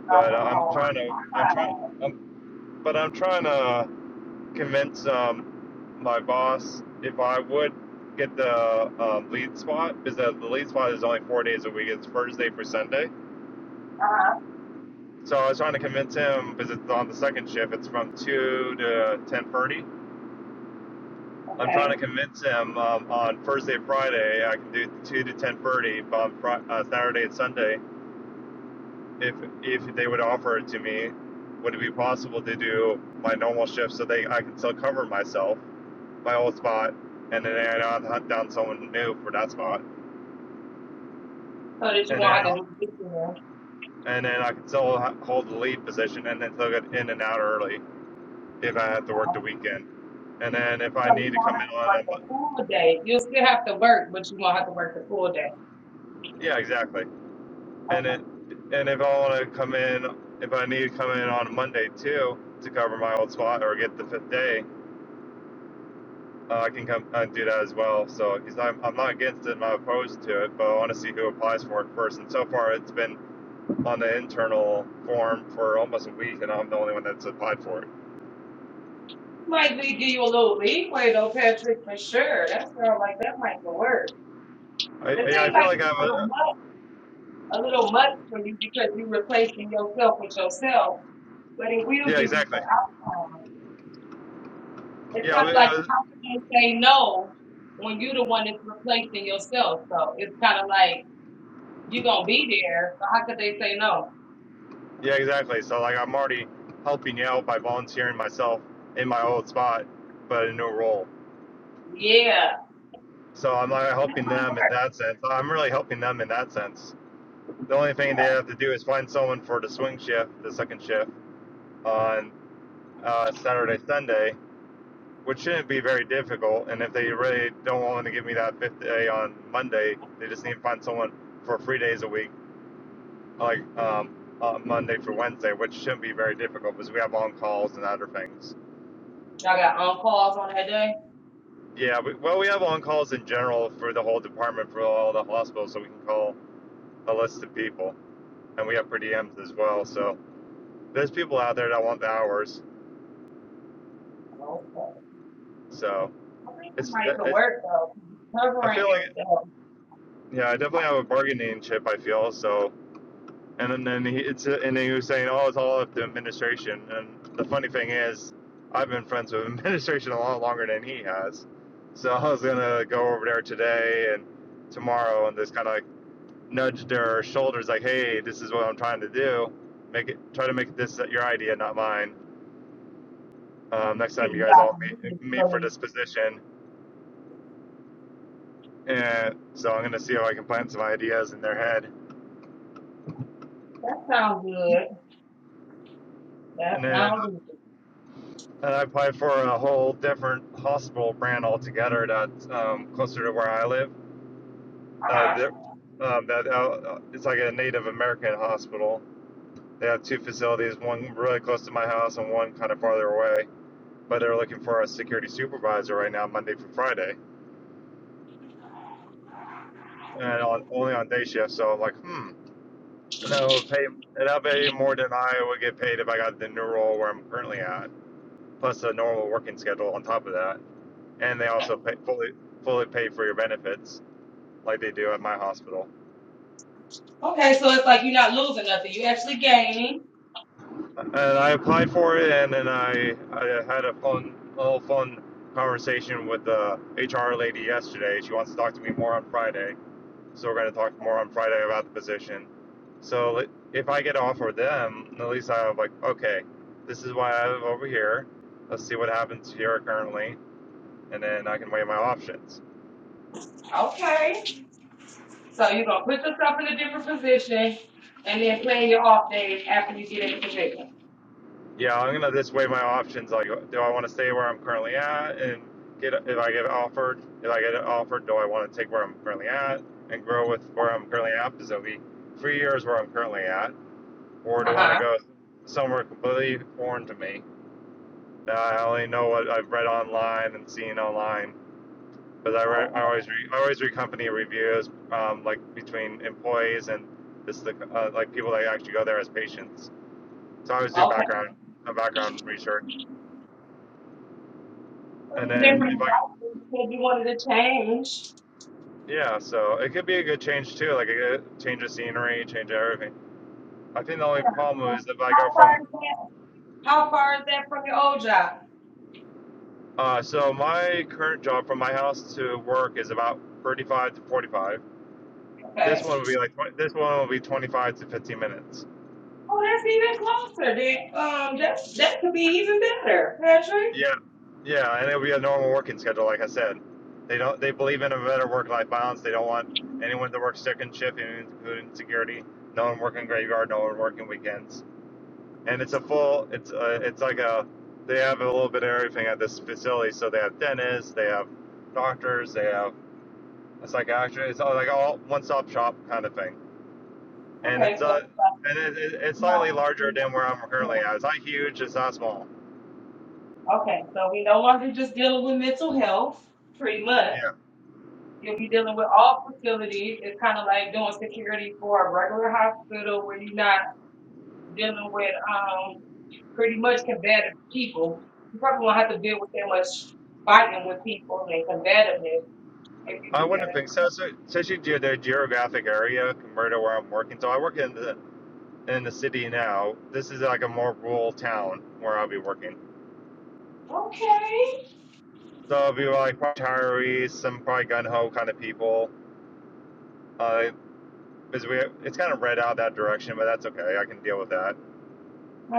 Speaker 6: but uh, I'm trying to. I'm trying. I'm, but I'm trying to convince um, my boss if I would get the um, lead spot, because the, the lead spot is only four days a week. It's Thursday for Sunday
Speaker 1: Oh,
Speaker 6: So I was trying to convince him because it's on the second shift. It's from two to ten thirty. I'm
Speaker 1: Okay,
Speaker 6: trying to convince him um, on Thursday, Friday. I can do two to ten thirty, but on Fri uh, Saturday and Sunday, if if they would offer it to me, would it be possible to do my normal shift so they I can still cover myself, my old spot, and then I don't hunt down someone new for that spot,
Speaker 1: so that you
Speaker 6: and
Speaker 1: won't
Speaker 6: then
Speaker 1: have to do this weekend.
Speaker 6: and then I can still hold the lead position and then still get in and out early if I have to work
Speaker 1: uh,
Speaker 6: the weekend. and then if I
Speaker 1: So you
Speaker 6: need to
Speaker 1: won't
Speaker 6: come in
Speaker 1: have to
Speaker 6: on
Speaker 1: work
Speaker 6: a,
Speaker 1: the full day. You'll still have to work, but you won't have to work the full day.
Speaker 6: yeah, exactly. And
Speaker 1: Okay.
Speaker 6: it, and if I want to come in, if I need to come in on a Monday too to cover my old spot or get the fifth day, uh, I can come and do that as well. So because I'm, I'm not against it, I'm not opposed to it, but I want to see who applies for it first. And so far, it's been on the internal form for almost a week, and I'm the only one that's applied for it.
Speaker 1: It Might be give you a little leeway though, Patrick, for sure. That sounds like that might could work.
Speaker 6: I,
Speaker 1: It
Speaker 6: yeah, I
Speaker 1: seems
Speaker 6: feel
Speaker 1: like
Speaker 6: like
Speaker 1: it's
Speaker 6: I'm.
Speaker 1: a little
Speaker 6: A,
Speaker 1: much, a little much for you because you're replacing yourself with yourself, but it will
Speaker 6: yeah,
Speaker 1: give you some
Speaker 6: exactly.
Speaker 1: outcome. It's
Speaker 6: Yeah, I
Speaker 1: kind of
Speaker 6: mean,
Speaker 1: like
Speaker 6: uh,
Speaker 1: how can you say no when you're the one that's replacing yourself? So it's kind of like you're gonna be there. So how could they say no?
Speaker 6: Yeah, exactly. So like I'm already helping you out by volunteering myself in my old spot, but in a new role.
Speaker 1: Yeah,
Speaker 6: So I'm like
Speaker 1: That
Speaker 6: helping
Speaker 1: might
Speaker 6: them in
Speaker 1: work.
Speaker 6: that sense. I'm really helping them in that sense. The only thing they have to do is find someone for the swing shift, the second shift on uh, Saturday, Sunday, which shouldn't be very difficult. And if they really don't want to give me that fifth day on Monday, they just need to find someone for three days a week, like um, uh, Monday through Wednesday, which shouldn't be very difficult because we have on calls and other things.
Speaker 1: Y'all got on calls on that day?
Speaker 6: Yeah, we, well, we have on calls in general for the whole department for all the hospitals, so we can call a list of people, and we have per diems as well. So there's people out there that want the hours.
Speaker 1: Okay.
Speaker 6: So
Speaker 1: I think
Speaker 6: it's, it,
Speaker 1: somebody could work though.
Speaker 6: I
Speaker 1: Covering
Speaker 6: feel like,
Speaker 1: yourself,
Speaker 6: yeah, I definitely have a bargaining chip. I feel so, and then, then he, it's and then he was saying, oh, it's all up to administration. And the funny thing is, I've been friends with administration a lot longer than he has. So I was gonna go over there today and tomorrow and just kind of nudged our shoulders like, "Hey, this is what I'm trying to do. Make it try to make this your idea, not mine. Um, next time
Speaker 1: see
Speaker 6: you guys
Speaker 1: y'all
Speaker 6: all
Speaker 1: can do this
Speaker 6: meet meet
Speaker 1: for
Speaker 6: for
Speaker 1: me.
Speaker 6: this position." And so I'm gonna see if I can plant some ideas in their head.
Speaker 1: That sounds good.
Speaker 6: And
Speaker 1: That
Speaker 6: then
Speaker 1: sounds good.
Speaker 6: I applied for a whole different hospital brand altogether that's um, closer to where I live. Uh,
Speaker 1: Uh-huh.
Speaker 6: um, that uh, uh, it's like a Native American hospital. They have two facilities, one really close to my house and one kind of farther away. But they're looking for a security supervisor right now, Monday through Friday and on only on day shift. So I'm like, hmm, and I'll pay and I'll pay more than I would get paid if I got the new role where I'm currently at, plus the normal working schedule on top of that, and they also pay fully fully pay for your benefits like they do at my hospital.
Speaker 1: Okay, so it's like you're not losing nothing. You actually gaining.
Speaker 6: And I applied for it, and then I I had a fun a little fun conversation with the HR lady yesterday. She wants to talk to me more on Friday So we're going to talk more on Friday about the position. So like, if I get offered them, at least I'm like, okay, this is why I live over here. Let's see what happens here currently, and then I can weigh my options.
Speaker 1: Okay. So you're gonna put yourself in a different position and then plan your off days after you get in the position.
Speaker 6: Yeah, I'm gonna just weigh my options. Like, do I want to stay where I'm currently at and get if I get offered, if I get offered, do I want to take where I'm currently at and grow with where I'm currently at? Because it'll be three years where I'm currently at, or do I want to
Speaker 1: Uh-huh.
Speaker 6: go somewhere completely foreign to me? Nah, I only know what I've read online and seen online. Because I,
Speaker 1: Okay.
Speaker 6: re- I always re- I always read company reviews, um, like between employees and just the uh, like people that actually go there as patients. So I always do
Speaker 1: Okay.
Speaker 6: background a background research, and
Speaker 1: What's the
Speaker 6: then
Speaker 1: difference?
Speaker 6: if I
Speaker 1: right? You said you wanted to change.
Speaker 6: yeah, so it could be a good change too, like a change of scenery, change of everything. I think the only problem is that if I go
Speaker 1: How far
Speaker 6: from
Speaker 1: is that? How far is that from your old job?
Speaker 6: uh, so my current job from my house to work is about thirty five to forty five.
Speaker 1: Okay.
Speaker 6: This one will be like this one will be twenty five to fifteen minutes.
Speaker 1: Oh, that's even closer. Then, um, that that could be even better, Patrick.
Speaker 6: Yeah, yeah, and it'll be a normal working schedule, like I said. They don't. They believe in a better work-life balance. They don't want anyone to work second shift, including security. No one working graveyard. No one working weekends. And it's a full. It's a, It's like a. They have a little bit of everything at this facility. So they have dentists. They have doctors. They have a psychiatrist. It's all like all one-stop shop kind of thing. And it's
Speaker 1: Okay, so uh,
Speaker 6: a. And it, it,
Speaker 1: we're
Speaker 6: it's
Speaker 1: not
Speaker 6: slightly
Speaker 1: just
Speaker 6: larger
Speaker 1: dealing
Speaker 6: than
Speaker 1: with
Speaker 6: where I'm
Speaker 1: mental
Speaker 6: currently
Speaker 1: health.
Speaker 6: at. It's not huge. It's not small.
Speaker 1: okay, so we no longer just dealing with mental health, pretty much.
Speaker 6: Yeah.
Speaker 1: You'll be dealing with all facilities. It's kind of like doing security for a regular hospital where you're not dealing with um pretty much combative people. You probably won't have to deal with that much fighting with people and combativeness if
Speaker 6: I
Speaker 1: you do
Speaker 6: wouldn't
Speaker 1: that.
Speaker 6: think so. So, especially due to the geographic area compared to where I'm working. So I work in the in the city now. This is like a more rural town where I'll be working. So it'll be like retirees, some probably gun ho kind of people. Uh, because we it's kind of red out that direction, but that's okay. I can deal with that.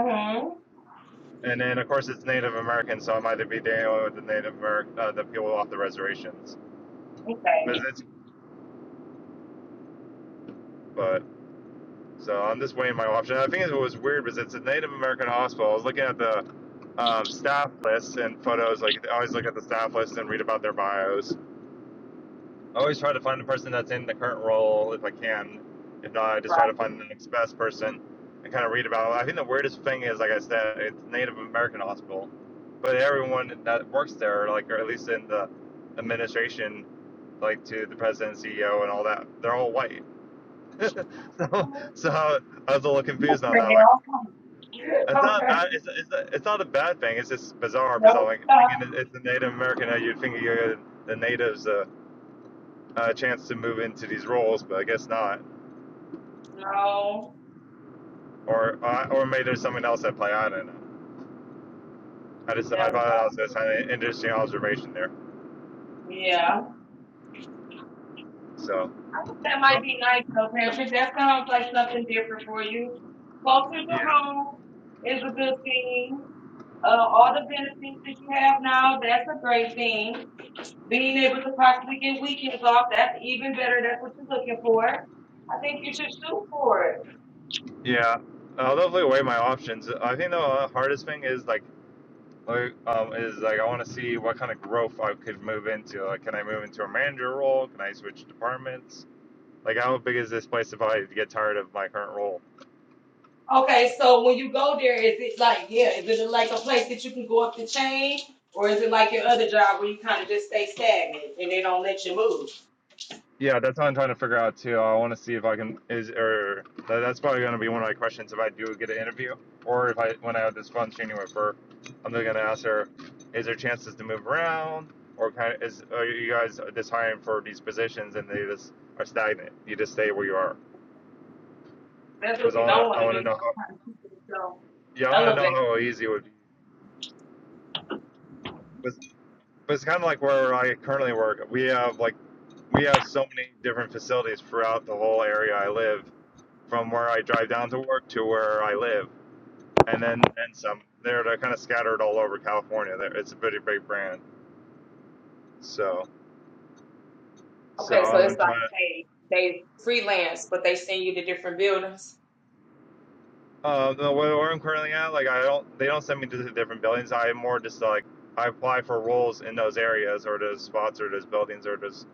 Speaker 1: Okay. Uh-huh.
Speaker 6: And then of course it's Native American, so I might be dealing with the Native American, uh, the people off the reservations. But it's but So I'm just weighing my option, I think it was weird because it's a Native American hospital. I was looking at the um, staff list and photos. Like I always look at the staff list and read about their bios. I always try to find the person that's in the current role if I can. If not, I just
Speaker 1: Right.
Speaker 6: try to find the next best person and kind of read about it. I think the weirdest thing is, like I said, it's Native American hospital, but everyone that works there, like or at least in the administration, like to the president, CEO, and all that, they're all white. So,
Speaker 1: Fail.
Speaker 6: so I was a little confused on that. Like It's not
Speaker 1: Okay.
Speaker 6: bad. It's, it's, it's not a bad thing. It's just bizarre because I'm
Speaker 1: No,
Speaker 6: like
Speaker 1: stop.
Speaker 6: thinking it's the Native American. uh, You'd think you give the natives a, a chance to move into these roles, but I guess not.
Speaker 1: No.
Speaker 6: Or uh, or maybe there's something else at play. I don't know. I
Speaker 1: you
Speaker 6: just I
Speaker 1: Never
Speaker 6: thought that
Speaker 1: know.
Speaker 6: was just kind of an interesting observation there.
Speaker 1: Yeah.
Speaker 6: So
Speaker 1: That might
Speaker 6: so
Speaker 1: be nice though, Patrick. That sounds like something different for you. Closer
Speaker 6: yeah
Speaker 1: to home is a good thing. Uh, all the benefits that you have now, that's a great thing. Being able to possibly get weekends off, that's even better. That's what you're looking for. I think you should shoot for it.
Speaker 6: yeah. Uh, I'll definitely weigh my options. I think the uh, hardest thing is like. like, Um, is like I want to see what kind of growth I could move into. Like, can I move into a manager role? Can I switch departments? Like, how big is this place if I get tired of my current role?
Speaker 1: Okay, so when you go there, is it like, yeah, is it like a place that you can go up the chain? Or is it like your other job where you kind of just stay stagnant and they don't let you move?
Speaker 6: Yeah, that's what I'm trying to figure out too. I want to see if I can is or that's probably going to be one of my questions if I do get an interview or if I when I have this fun training with her, I'm going to ask her, is there chances to move around or kind of is are you guys just hiring for these positions and they just are stagnant? You just stay where you are
Speaker 1: That's
Speaker 6: because
Speaker 1: what
Speaker 6: I
Speaker 1: you don't
Speaker 6: want to I
Speaker 1: want to
Speaker 6: want
Speaker 1: do.
Speaker 6: to
Speaker 1: You
Speaker 6: know
Speaker 1: want
Speaker 6: how
Speaker 1: to kind of keep yourself
Speaker 6: yeah I want to know
Speaker 1: elevated.
Speaker 6: how easy it would be. But, but it's kind of like where I currently work. We have like we have so many different facilities throughout the whole area I live, from where I drive down to work to where I live, and then and some. They're, they're kind of scattered all over California. There, it's a pretty big brand. So so
Speaker 1: Okay, so
Speaker 6: I'm
Speaker 1: it's like
Speaker 6: trying to.
Speaker 1: they they freelance, but they send you to different buildings.
Speaker 6: Uh, where where I'm currently at, like I don't, they don't send me to the different buildings. I more just like I apply for roles in those areas or those spots or those buildings or those.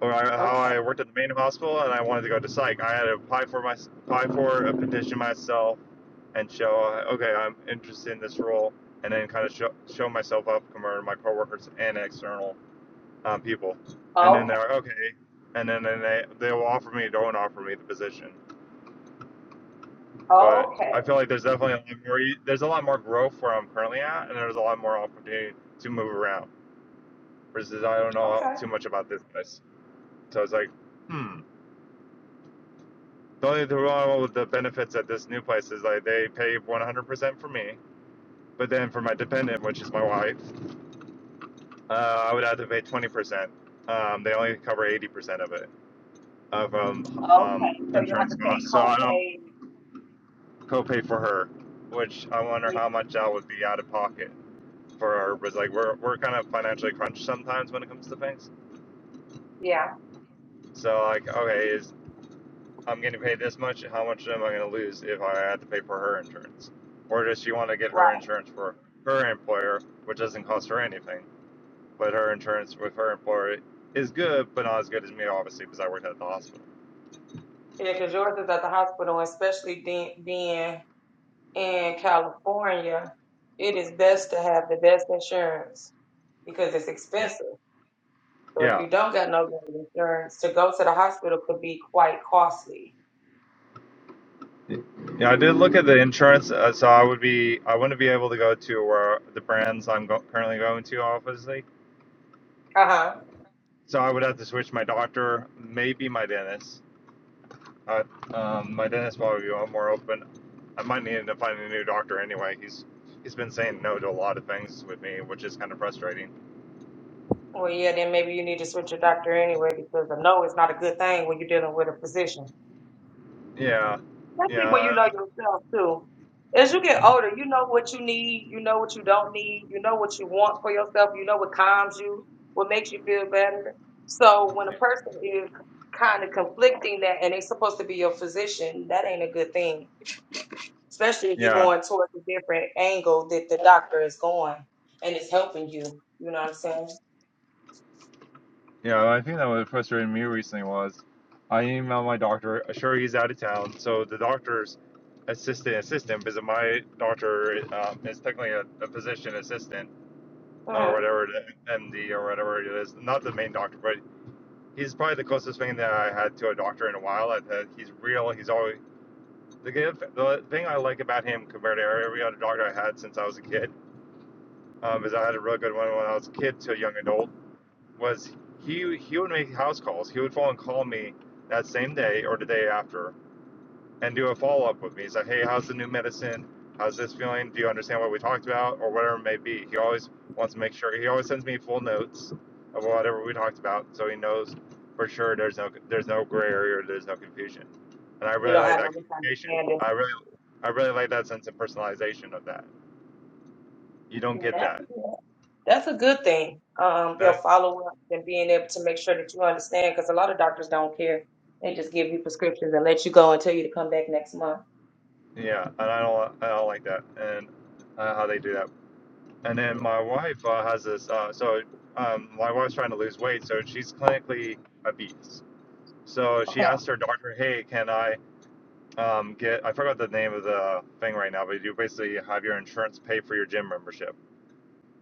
Speaker 6: Or I, how
Speaker 1: Okay,
Speaker 6: I worked at the main hospital and I wanted to go to psych. I had to apply for my apply for a petition myself and show uh, okay I'm interested in this role, and then kind of show, show myself up to my coworkers and external um, people, and then
Speaker 1: okay,
Speaker 6: they're like, okay, and then, then they they will offer me don't offer me the position. But
Speaker 1: okay,
Speaker 6: I feel like there's definitely a lot more there's a lot more growth where I'm currently at, and there's a lot more opportunity to move around. Versus I don't know
Speaker 1: okay, okay.
Speaker 6: too much about this place, so I was like hmm. The only the problem with the benefits at this new place is like they pay 100% for me, but then for my dependent, which is my wife, Uh, I would have to pay twenty percent. Um, they only cover eighty percent of it of um, um,
Speaker 1: So you have
Speaker 6: insurance
Speaker 1: to pay
Speaker 6: costs, so I don't
Speaker 1: copay.
Speaker 6: copay for her, which I wonder
Speaker 1: Yeah,
Speaker 6: how much that would be out of pocket for her. Was like we're we're kind of financially crunched sometimes when it comes to things.
Speaker 1: yeah,
Speaker 6: So like okay, is I'm getting paid this much? How much am I going to lose if I had to pay for her insurance? Or does she want to get her
Speaker 1: right.
Speaker 6: insurance for her employer, which doesn't cost her anything, but her insurance with her employer is good, but not as good as me, obviously, because I worked at the hospital.
Speaker 1: Yeah, because yours is at the hospital, especially de- being in California, it is best to have the best insurance because it's
Speaker 6: Yeah.
Speaker 1: expensive. So if
Speaker 6: Yeah.
Speaker 1: you don't got no good insurance, to go to the hospital could be quite costly.
Speaker 6: Yeah, I did look at the insurance, uh, so I would be I wouldn't be able to go to where the brands I'm go- currently going to, obviously.
Speaker 1: Uh huh.
Speaker 6: So I would have to switch my doctor, maybe my dentist. Uh, um, my dentist probably be one more open. I might need to find a new doctor anyway. He's he's been saying no to a lot of things with me, which is kind of frustrating.
Speaker 1: Well, yeah, then maybe you need to switch your doctor anyway because I know it's not a good thing when you're dealing with a physician.
Speaker 6: Yeah,
Speaker 1: especially when you
Speaker 6: yeah,
Speaker 1: know yourself too. As you get
Speaker 6: mhm.
Speaker 1: older, you know what you need, you know what you don't need, you know what you want for yourself, you know what calms you, what makes you feel better. So when a
Speaker 6: yeah.
Speaker 1: person is kind of conflicting that and they're supposed to be your physician, that ain't a good thing. Especially if you're
Speaker 6: Yeah.
Speaker 1: going towards a different angle that the doctor is going and it's helping you. You know what I'm saying?
Speaker 6: Yeah, I think that what frustrated me recently was I emailed my doctor. Sure, he's out of town, so the doctor's assistant assistant because my doctor uh, is technically a, a physician assistant or
Speaker 1: hmm
Speaker 6: whatever, MD or whatever it is. Not the main doctor, but he's probably the closest thing that I had to a doctor in a while. I, that he's real. He's always the the thing I like about him compared to every other doctor I had since I was a kid um, is I had a real good one when I was a kid to a young adult was he he would make house calls. He would phone and call me that same day or the day after and do a follow up with me. He's like, hey, how's the new medicine? How's this feeling? Do you understand what we talked about or whatever it may be? He always wants to make sure. He always sends me full notes of whatever we talked about, so he knows for sure there's no there's no gray area or there's no confusion. And I
Speaker 1: You
Speaker 6: really
Speaker 1: don't
Speaker 6: like
Speaker 1: have
Speaker 6: that
Speaker 1: no
Speaker 6: communication.
Speaker 1: misunderstanding.
Speaker 6: I really I really like that sense of personalization of that. You don't
Speaker 1: Yeah,
Speaker 6: get
Speaker 1: that-
Speaker 6: that.
Speaker 1: yeah. that's a good thing. Um,
Speaker 6: That
Speaker 1: your follow up and being able to make sure that you understand, because a lot of doctors don't care. They just give you prescriptions and let you go and tell you to come back next month.
Speaker 6: yeah, and I don't I don't like that. And uh, how they do that And then my wife uh, has this. Uh, so um, my wife's trying to lose weight, so she's clinically obese. So she
Speaker 1: Okay.
Speaker 6: asked her doctor, "Hey, can I um, get? I forgot the name of the thing right now, but you basically have your insurance pay for your gym membership."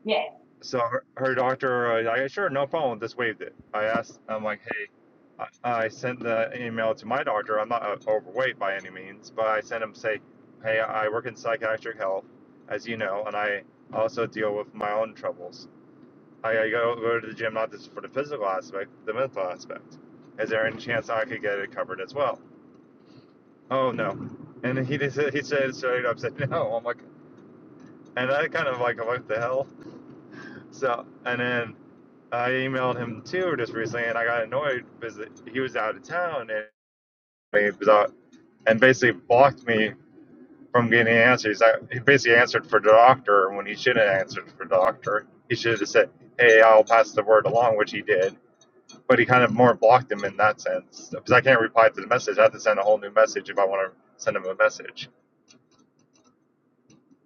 Speaker 1: Yeah.
Speaker 6: So her, her doctor, uh, like, sure, no problem, just waived it. I asked, I'm like, "Hey." I I sent the email to my doctor. I'm not uh, overweight by any means, but I sent him say, "Hey, I work in psychiatric health, as you know, and I also deal with my own troubles. I, I go, go to the gym not just for the physical aspect, the mental aspect. Is there any chance I could get it covered as well? Oh no. And he just, he said straight up said no. I'm like, and I kind of like what the hell. So and then I emailed him too just recently, and I got annoyed because he was out of town and he was out and basically blocked me from getting answers. I, he basically answered for the doctor when he shouldn't have answered for the doctor. He should have said, "Hey, I'll pass the word along," which he did. but he kind of more blocked him in that sense because I can't reply to the message. I have to send a whole new message if I want to send him a message.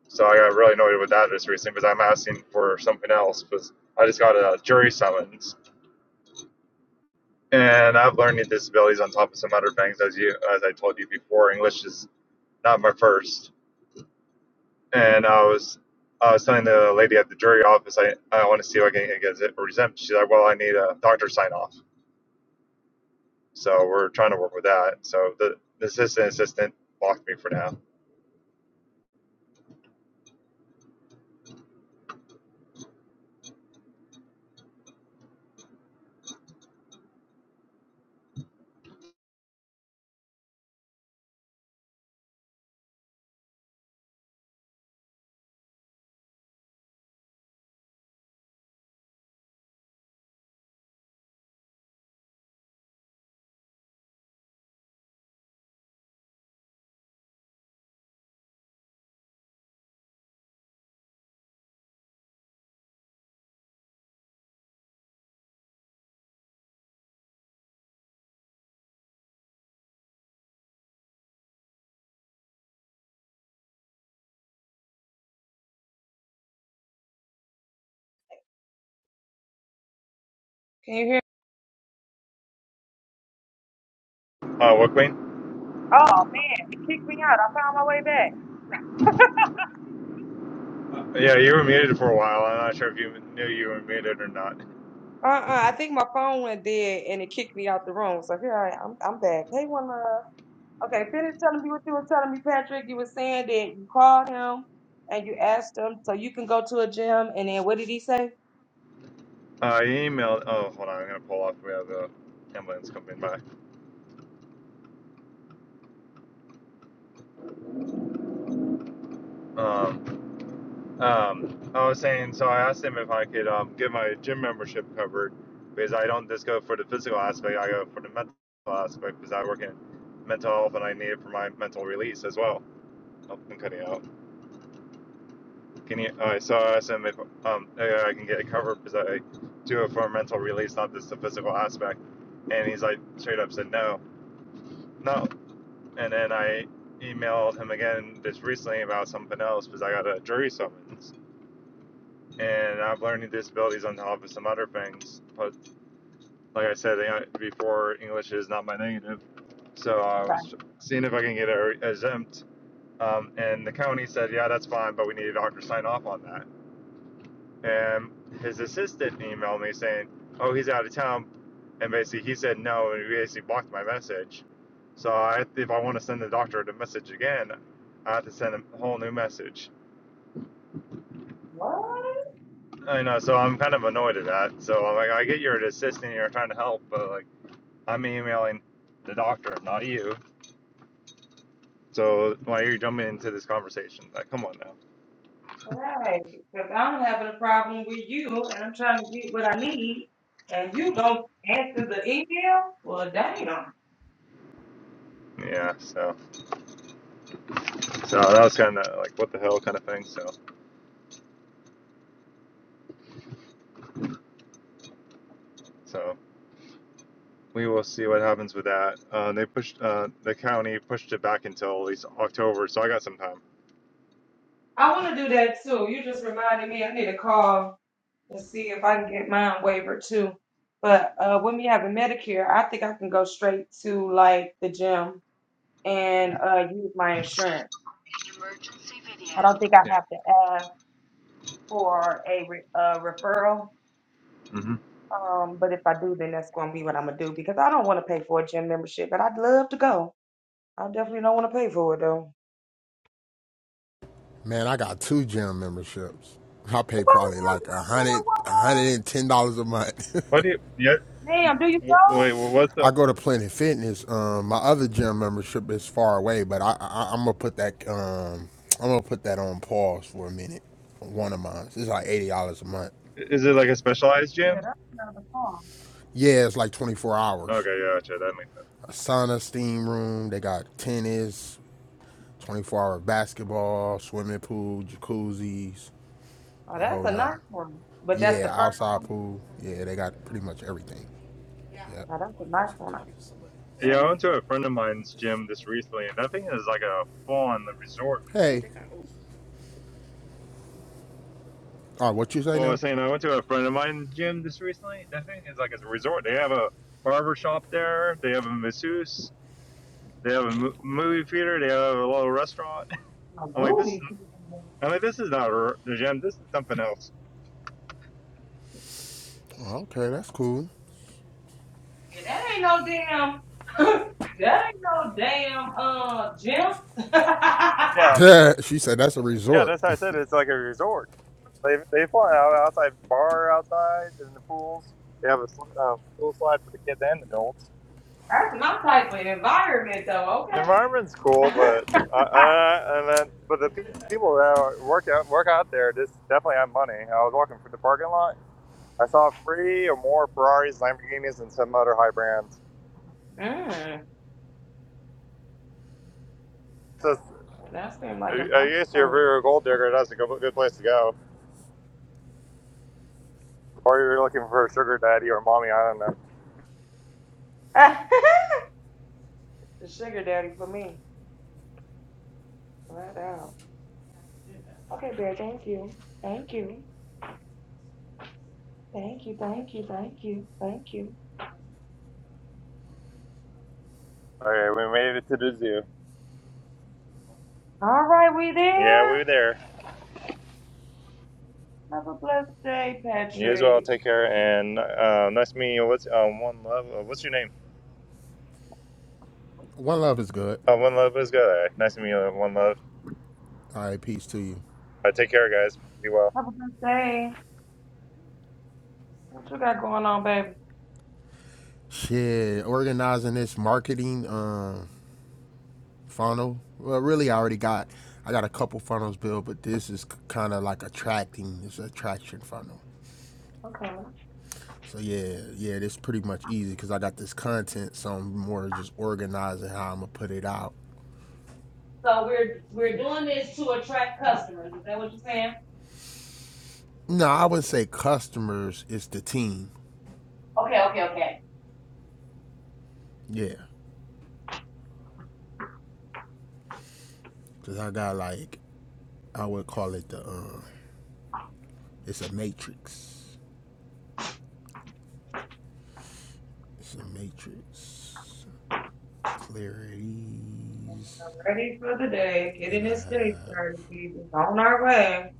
Speaker 6: So I got really annoyed with that just recently because I'm asking for something else because I just got a jury summons and I have learning disabilities on top of some other things as you as I told you before. English is not my first, and I was. I was telling the lady at the jury office, I, I want to see if I can get it exempt. She's like, well, I need a doctor sign off. So we're trying to work with that. So the, the assistant assistant blocked me for now.
Speaker 1: Can you hear?
Speaker 6: Uh, what queen?
Speaker 1: Oh man, it kicked me out. I found my way back.
Speaker 6: Uh, yeah, you were muted for a while. I'm not sure if you knew you were muted or not.
Speaker 1: Uh uh I think my phone went dead and it kicked me out the room. So here I am. I'm, back. Hey, one uh, okay. Finish telling me what you were telling me, Patrick. You were saying that you called him and you asked him so you can go to a gym, and then what did he say?
Speaker 6: I emailed. Oh, hold on. I'm gonna pull off. We have the ambulance coming by. Um, um, I was saying. So I asked him if I could um, get my gym membership covered because I don't just go for the physical aspect. I go for the mental aspect because I work in mental health and I need it for my mental release as well. Oh, I'm cutting out. Can you? oh, I saw asked him if um uh, I can get it covered because I do it for a mental release, not just the physical aspect. And he's like straight up said no, no. And then I emailed him again just recently about something else because I got a jury summons. And I have learning disabilities on top of some other things. But like I said before, English is not my native. So I
Speaker 1: Like,
Speaker 6: was seeing if I can get it exempt. Um, and the county said, yeah, that's fine, but we need a doctor to sign off on that. and his assistant emailed me saying, "Oh, he's out of town," and basically he said no, and he basically blocked my message. So I, if I want to send the doctor the message again, I have to send a whole new message.
Speaker 1: what?
Speaker 6: I know, so I'm kind of annoyed at that. So I'm like, I get you're an assistant, you're trying to help, but like I'm emailing the doctor, not you. So why are you jumping into this conversation? Like, come on now.
Speaker 1: Right, because I'm having a problem with you, and I'm trying to get what I need, and you don't answer the email. Well, damn.
Speaker 6: Yeah. So, so that was kind of like what the hell kind of thing. So, so we will see what happens with that. Uh, they pushed uh, the county pushed it back until at least October, so I got some time.
Speaker 1: I want to do that too. You just reminded me I need to call and see if I can get mine waivered too. But uh, with me having Medicare, I think I can go straight to like the gym and uh, use my insurance. I don't think I
Speaker 6: Yeah.
Speaker 1: have to ask for a re- uh, referral.
Speaker 6: hmm
Speaker 1: Um, but if I do, then that's gonna be what I'm gonna do because I don't want to pay for a gym membership, but I'd love to go. I definitely don't want to pay for it though.
Speaker 7: Man, I got two gym memberships. I
Speaker 1: Why
Speaker 7: pay
Speaker 1: the
Speaker 7: probably
Speaker 1: hell you
Speaker 7: like a hundred, a hundred and ten dollars a month.
Speaker 6: What do you? Yet.
Speaker 1: ain't doing one, love? Damn, do you
Speaker 6: Wait. Well, what's the?
Speaker 7: I go to Planet Fitness. Um, my other gym membership is far away, but I, I I'm gonna put that um I'm gonna put that on pause for a minute. One of mine. It's like eighty dollars a month.
Speaker 6: Is it like a specialized
Speaker 1: know? Yeah,
Speaker 6: gym?
Speaker 1: that's another song.
Speaker 7: Yeah, it's like twenty four hours.
Speaker 6: Okay. Yeah. Gotcha. That makes sense.
Speaker 7: A sauna, steam room. They got tennis, twenty four hour basketball, swimming pool, jacuzzis,
Speaker 1: Oh,
Speaker 7: the
Speaker 1: that's
Speaker 7: whole
Speaker 1: a
Speaker 7: nine.
Speaker 1: nice one. But that's the
Speaker 7: Yeah,
Speaker 1: first
Speaker 7: outside
Speaker 1: one.
Speaker 7: pool. Yeah, they got pretty much everything. Yep.
Speaker 1: Oh, that's a nice one. I think.
Speaker 6: Yeah,
Speaker 1: Okay.
Speaker 6: I went to a friend of mine's gym this recently, and that thing is like a full-on resort.
Speaker 7: Hey. Check Oh, what you say
Speaker 6: Well, I was
Speaker 7: now?
Speaker 6: saying I went to a friend of mine's gym this recently. That thing is like a resort. They have a barber shop there. They have a masseuse. They have a movie theater. They have a little restaurant.
Speaker 1: A
Speaker 6: I'm like, this is
Speaker 1: movie.
Speaker 6: I mean, this is not a the gym. This is something else.
Speaker 7: Oh, okay, that's cool.
Speaker 1: Yeah, that ain't no damn. that ain't no damn uh gym.
Speaker 6: Yeah,
Speaker 7: she said that's a
Speaker 6: yeah,
Speaker 7: resort.
Speaker 6: that's how I said it. it's like a resort. They they fly out outside bar outside in the pools. They have a um, pool slide for the kids and adults.
Speaker 1: that's my type of environment though.
Speaker 6: The
Speaker 1: Okay.
Speaker 6: environment's cool, but I, I, and then but the people that work out work out there just definitely have money. I was walking through the parking lot. I saw three or more Ferraris, Lamborghinis, and some other high brands.
Speaker 1: mm,
Speaker 6: So
Speaker 1: that seemed like a
Speaker 6: I
Speaker 1: nice
Speaker 6: guess if
Speaker 1: place.
Speaker 6: you're a gold digger, that's a good, good place to go. Or you're looking for a sugar daddy or mommy, I don't know.
Speaker 1: the sugar daddy for me. Flat out. Okay, Bear, thank you. Thank you. Thank you. Thank you. Thank you. Thank you.
Speaker 6: All right, we made it to the zoo.
Speaker 1: All right, we
Speaker 6: Yeah, we
Speaker 1: there?
Speaker 6: were there.
Speaker 1: Have a blessed day,
Speaker 6: You as well.
Speaker 1: Patrick.
Speaker 6: Take care and uh, nice meeting you. What's uh, one love? Uh, what's your name?
Speaker 7: One love is good.
Speaker 6: Uh, one love is good. All right. Nice to meet you. One love.
Speaker 7: All right, peace to you.
Speaker 6: All right, take care, guys. Be well.
Speaker 1: Have a blessed day. What you got going on, baby?
Speaker 7: Shit, organizing this marketing um, funnel. Well, really, I already got. I got a couple funnels built, but this is kind of like attracting. It's an attraction funnel.
Speaker 1: Okay.
Speaker 7: So yeah, yeah, this is pretty much easy because I got this content, so I'm more just organizing how I'm gonna put it out.
Speaker 1: So we're we're doing this to attract customers. Is that what you're saying?
Speaker 7: No, I wouldn't say customers. It's the team.
Speaker 1: Okay, okay, okay.
Speaker 7: Yeah. Cause I got like I would call it the um it's a matrix. It's a matrix. Clarities.
Speaker 1: Ready for the day.
Speaker 7: Then
Speaker 1: Getting
Speaker 7: I
Speaker 1: this day
Speaker 7: have
Speaker 1: started, Jesus. On our way.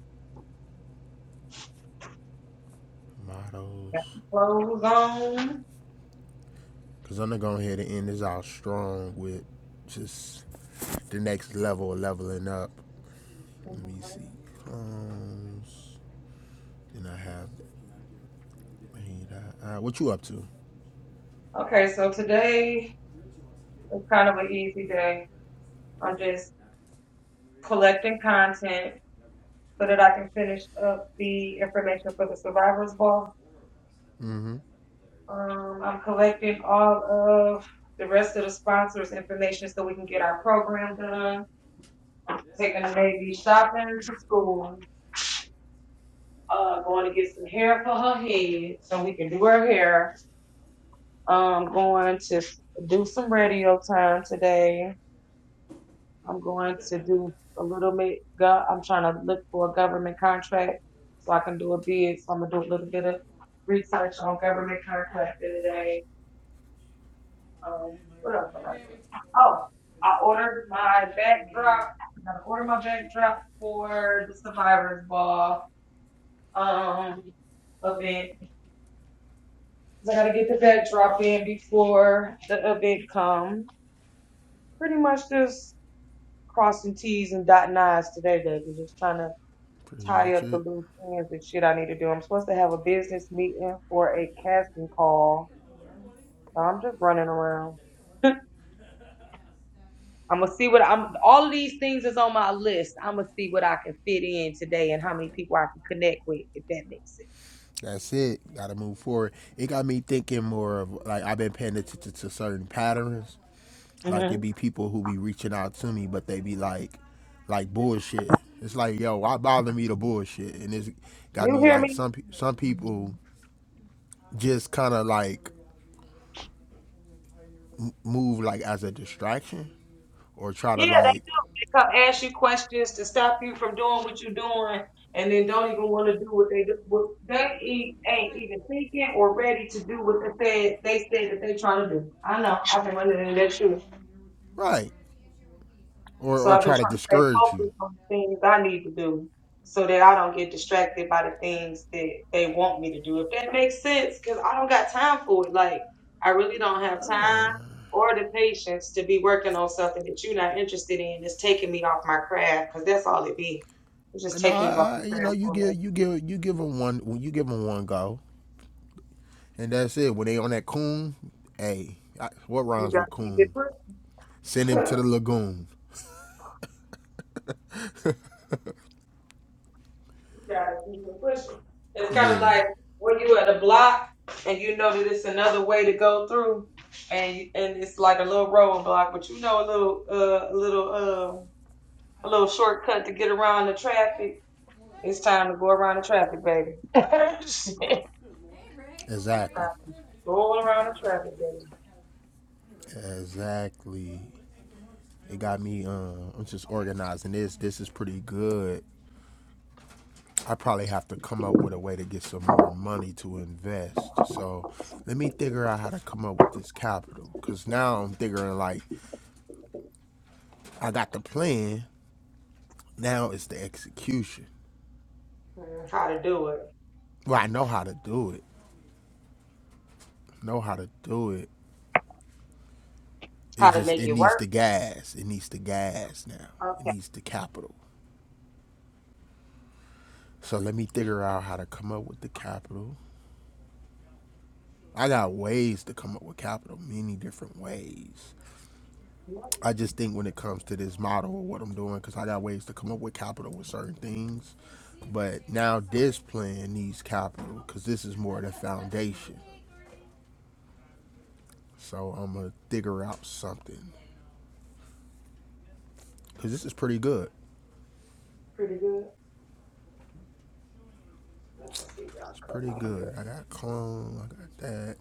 Speaker 7: mottos.
Speaker 1: Clothes on.
Speaker 7: Cause I'm gonna go ahead and end this out strong with just the next level, leveling up. Let me see.
Speaker 1: Mhm.
Speaker 7: Clones. Then I have. I, I, what you up to?
Speaker 1: Okay, so today is kind of an easy day. I'm just collecting content so that I can finish up the information for the survivors ball.
Speaker 7: hmm
Speaker 1: Um, I'm collecting all of the rest of the sponsors' information so we can get our program done. Taking the baby shopping to school. Uh, going to get some hair for her head so we can do her hair. Um, going to s- do some radio time today I'm going to do a little bit. Go, I'm trying to look for a government contract so I can do a bid. So I'm gonna do a little bit of research on government contract today. Um, what else? did I do? Oh, I ordered my backdrop. I gotta order my backdrop for the Survivors Ball um event. 'Cause I gotta get the backdrop in before the event comes. Pretty much just crossing T's and dotting I's today, baby. Just trying to
Speaker 7: Pretty
Speaker 1: tie
Speaker 7: much
Speaker 1: up the
Speaker 7: it.
Speaker 1: loose ends and shit I need to do. I'm supposed to have a business meeting for a casting call. So I'm just running around. I'm gonna see what I'm. All of these things is on my list. I'm gonna see what I can fit in today and how many people I can connect with, if that makes
Speaker 7: That's it. Got to move forward. It got me thinking more of like I've been paying attention to certain patterns.
Speaker 1: sense.
Speaker 7: Like it
Speaker 1: hmm
Speaker 7: be people who be reaching out to me, but they be like, like bullshit. It's like, yo, why bother me to bullshit? And it's got
Speaker 1: You
Speaker 7: me
Speaker 1: hear
Speaker 7: like
Speaker 1: me?
Speaker 7: some pe- some people just kind of like m- move like as a distraction or try to
Speaker 1: Yeah, they
Speaker 7: like
Speaker 1: they come ask you questions to stop you from doing what you're doing, and then don't even want to do what they do. What they e- ain't even thinking or ready to do what they said they said that they trying to do. I know. I've been running in that shoe.
Speaker 7: right or
Speaker 1: So
Speaker 7: or
Speaker 1: I've been
Speaker 7: try to
Speaker 1: trying to stay
Speaker 7: discourage you.
Speaker 1: focused on things I need to do so that I don't get distracted by the things that they want me to do. If that makes sense, because I don't got time for it. Like, I really don't have time or the patience to be working on something that you're not interested in. It's taking me off my craft because that's all it be. It's just
Speaker 7: And
Speaker 1: taking you off
Speaker 7: I, I
Speaker 1: your
Speaker 7: you know,
Speaker 1: craft
Speaker 7: you
Speaker 1: for a
Speaker 7: give
Speaker 1: minute.
Speaker 7: you give you give them one you give them one go And that's it. When they on that coon, hey, I, what
Speaker 1: You
Speaker 7: rhymes
Speaker 1: got
Speaker 7: with
Speaker 1: to keep it
Speaker 7: coon?
Speaker 1: pushing.
Speaker 7: Send him to the lagoon.
Speaker 1: gotta keep it pushing. It's kind of
Speaker 7: Yeah,
Speaker 1: like when you at a block and you know that it's another way to go through, and and it's like a little rolling block, but you know a little uh a little um a little shortcut to get around the traffic. It's time to go around the traffic, baby. It's
Speaker 7: exactly,
Speaker 1: time to Go around the traffic, baby.
Speaker 7: exactly. It got me. Uh, I'm just organizing this. This is pretty good. I probably have to come up with a way to get some more money to invest. So let me figure out how to come up with this capital. Cause now I'm figuring like I got the plan. Now it's the execution.
Speaker 1: Mm, How to do it?
Speaker 7: Well, I know how to do it. Know how to do it
Speaker 1: How
Speaker 7: It's
Speaker 1: to
Speaker 7: just
Speaker 1: make
Speaker 7: it
Speaker 1: it
Speaker 7: needs
Speaker 1: work?
Speaker 7: the gas. It needs the gas now. It
Speaker 1: Okay.
Speaker 7: needs the capital. So let me figure out how to come up with the capital. I got ways to come up with capital, many different ways. I just think when it comes to this model of what I'm doing, because I got ways to come up with capital with certain things. But now this plan needs capital because this is more the foundation. So I'm gonna figure out something because this is pretty good.
Speaker 1: Pretty good. Let me see. I'll
Speaker 7: It's
Speaker 1: cut
Speaker 7: pretty
Speaker 1: my hair.
Speaker 7: good. I got clone. I got that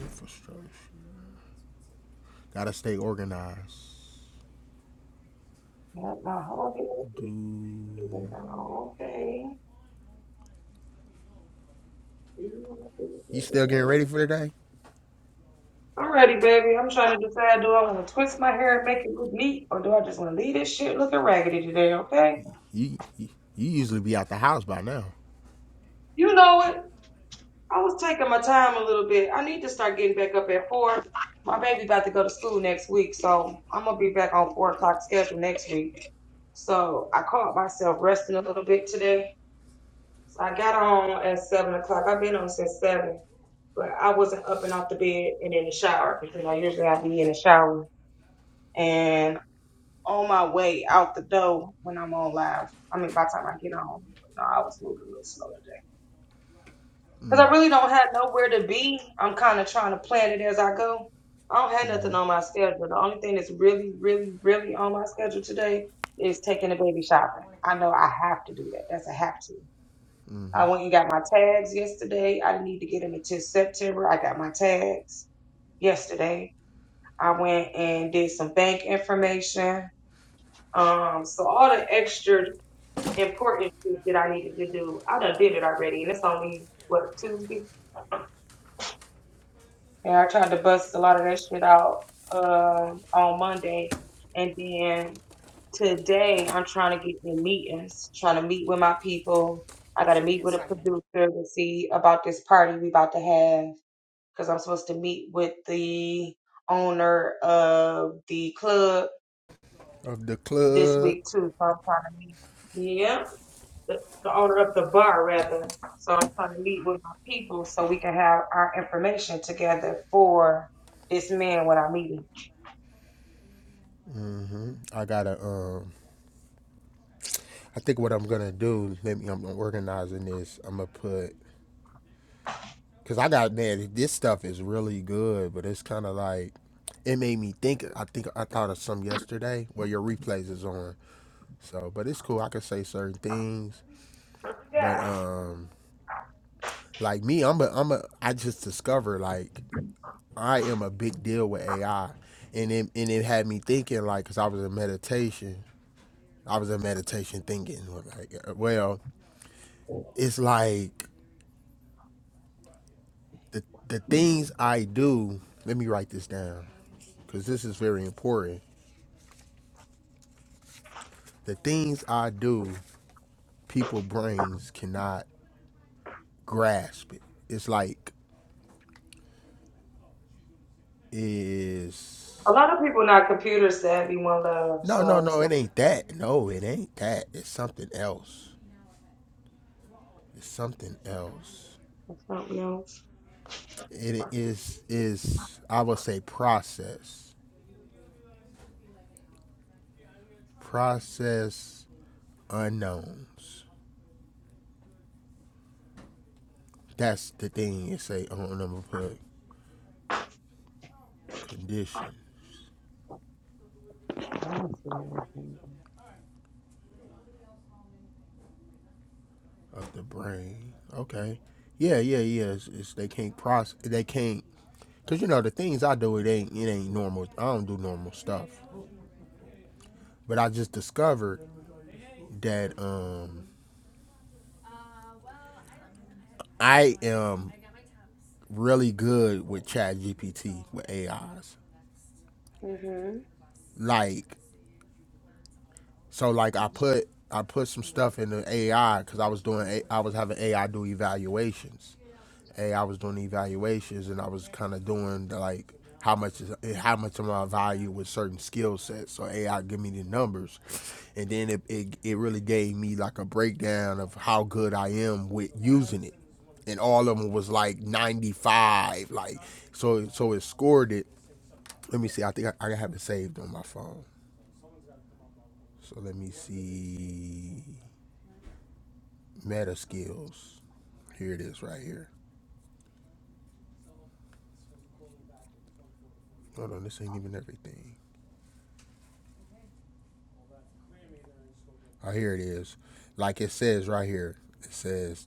Speaker 7: infrastructure. Gotta stay organized.
Speaker 1: Cut my whole
Speaker 7: Do
Speaker 1: hair. Okay.
Speaker 7: you still getting ready for the day?
Speaker 1: Alrighty, baby. I'm trying to decide do I want to twist my hair and make it look neat or do I just want to leave this shit looking raggedy today, okay?
Speaker 7: You you, you usually be out the house by now.
Speaker 1: You know what? I was taking my time a little bit. I need to start getting back up at four. My baby about to go to school next week, so I'm gonna be back on four o'clock schedule next week. So I caught myself resting a little bit today. So I got on at seven o'clock. I've been on since seven, but I wasn't up and off the bed and in the shower because I know usually I be in the shower. and. on my way out the door when I'm on live. I mean, by the time I get on, But no, I was moving a little slower today because I really don't have nowhere to be. I'm kind of trying to plan it as I go. I don't have nothing on my schedule. The only thing that's really, really, really on my schedule today is taking the baby shopping. I know I have to do that. That's a have to.
Speaker 7: hmm
Speaker 1: I went and got my tags yesterday. I didn't need to get them until September. I got my tags yesterday. I went and did some bank information. Um, so all the extra important shit that I needed to do. I done did it already, and it's only what Tuesday. And I tried to bust a lot of that shit out um on Monday, and then today I'm trying to get in meetings, trying to meet with my people. I got to meet with a producer to see about this party we about to have because I'm supposed to meet with the owner of the club
Speaker 7: Of the
Speaker 1: this
Speaker 7: club,
Speaker 1: week too. So I'm trying to meet. Yep. the, the owner of the bar rather. So I'm trying to meet with my people so we can have our information together for this man when I meet him.
Speaker 7: I gotta. Um, I think what I'm gonna do. Let me. I'm organizing this. I'm gonna put because I got man. This stuff is really good, but it's kind of like it made me think. I think I thought of some yesterday. Well, your replays is on, so but it's cool. I can say certain things, but um. Like me, I'm a I'm a I just discovered like I am a big deal with AI, and it and it had me thinking like because I was in meditation, I was in meditation thinking like uh, well, it's like the the things I do. Let me write this down because this is very important. The things I do, people brains cannot grasp it. It's like
Speaker 1: A
Speaker 7: is
Speaker 1: lot of people not computer savvy one love,
Speaker 7: no, no,
Speaker 1: so
Speaker 7: no.
Speaker 1: it's
Speaker 7: It
Speaker 1: like
Speaker 7: ain't that. No, it ain't that. It's something else. It's something else.
Speaker 1: it's something else.
Speaker 7: It is is I would say process. Process unknowns. That's the thing you say I don't number put conditions of the brain. Okay. Yeah, yeah, yeah. It's, it's they can't process they can't Cause you know the things I do, it ain't it ain't normal. I don't do normal stuff. But I just discovered that um, I am really good with Chat GPT with AIs.
Speaker 1: Mm-hmm.
Speaker 7: Like So like I put I put some stuff in the AI because I was doing A- I was having AI do evaluations. AI was doing evaluations and I was kind of doing the, like how much is how much am I value with certain skill sets. So AI give me the numbers, and then it, it it really gave me like a breakdown of how good I am with using it, and all of them was like 95. Like so so it scored it. Let me see. I think I, I have it saved on my phone. So let me see. meta skills. Here it is right here. Hold on, this ain't even everything. Oh, here it is. Like it says right here, it says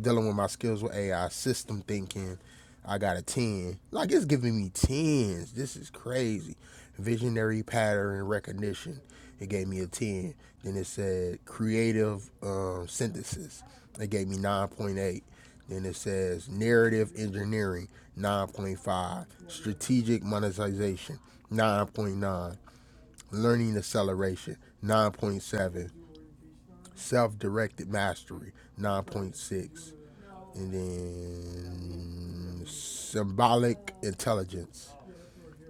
Speaker 7: dealing with my skills with AI, system thinking. I got a 10. Like, it's giving me 10s. This is crazy. Visionary pattern recognition. It gave me a 10. Then it said creative um, synthesis. It gave me 9.8. Then it says narrative engineering, 9.5. Strategic monetization, 9.9. Learning acceleration, 9.7. Self directed mastery, 9.6 and then symbolic intelligence.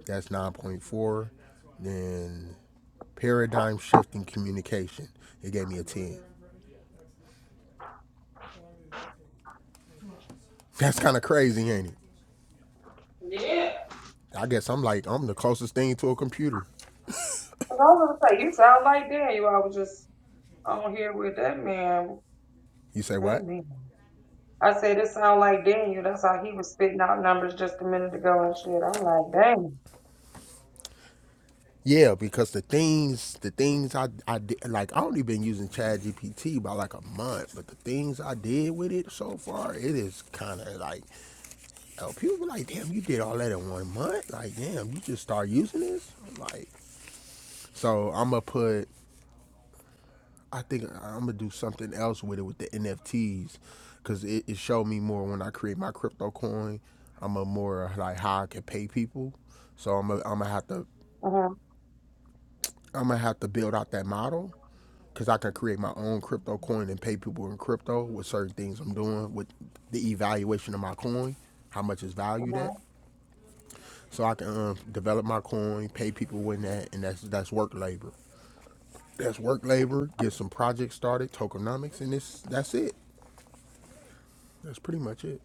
Speaker 7: That's 9.4. Then paradigm shifting communication. It gave me a 10. That's kind of crazy, ain't it?
Speaker 1: Yeah.
Speaker 7: I guess I'm like I'm the closest thing to a computer.
Speaker 1: 'Cause I was gonna say you sound like Daniel. I was just on here with that man.
Speaker 7: You say
Speaker 1: That
Speaker 7: what?
Speaker 1: man. I said it sound like Daniel. That's how he was spitting out numbers just a minute ago and shit. I'm like,
Speaker 7: Yeah, because the things the things I I did like I only been using Chat GPT by like a month, but the things I did with it so far, it is kind of like Yo, people be like, damn, you did all that in one month. Like, damn, you just start using this. Like, so I'm gonna put. I think I'm gonna do something else with it with the NFTs, cause it, it showed me more when I create my crypto coin. I'm a more like how I can pay people. So I'm gonna have to
Speaker 1: dang.
Speaker 7: I'm gonna have to build out that model, cause I can create my own crypto coin and pay people in crypto with certain things I'm doing with the evaluation of my coin, how much is valued at.
Speaker 1: Uh-huh.
Speaker 7: so I can um, develop my coin, pay people with that, and that's that's work labor. That's work labor. Get some projects started, tokenomics, and this that's it. That's pretty much it.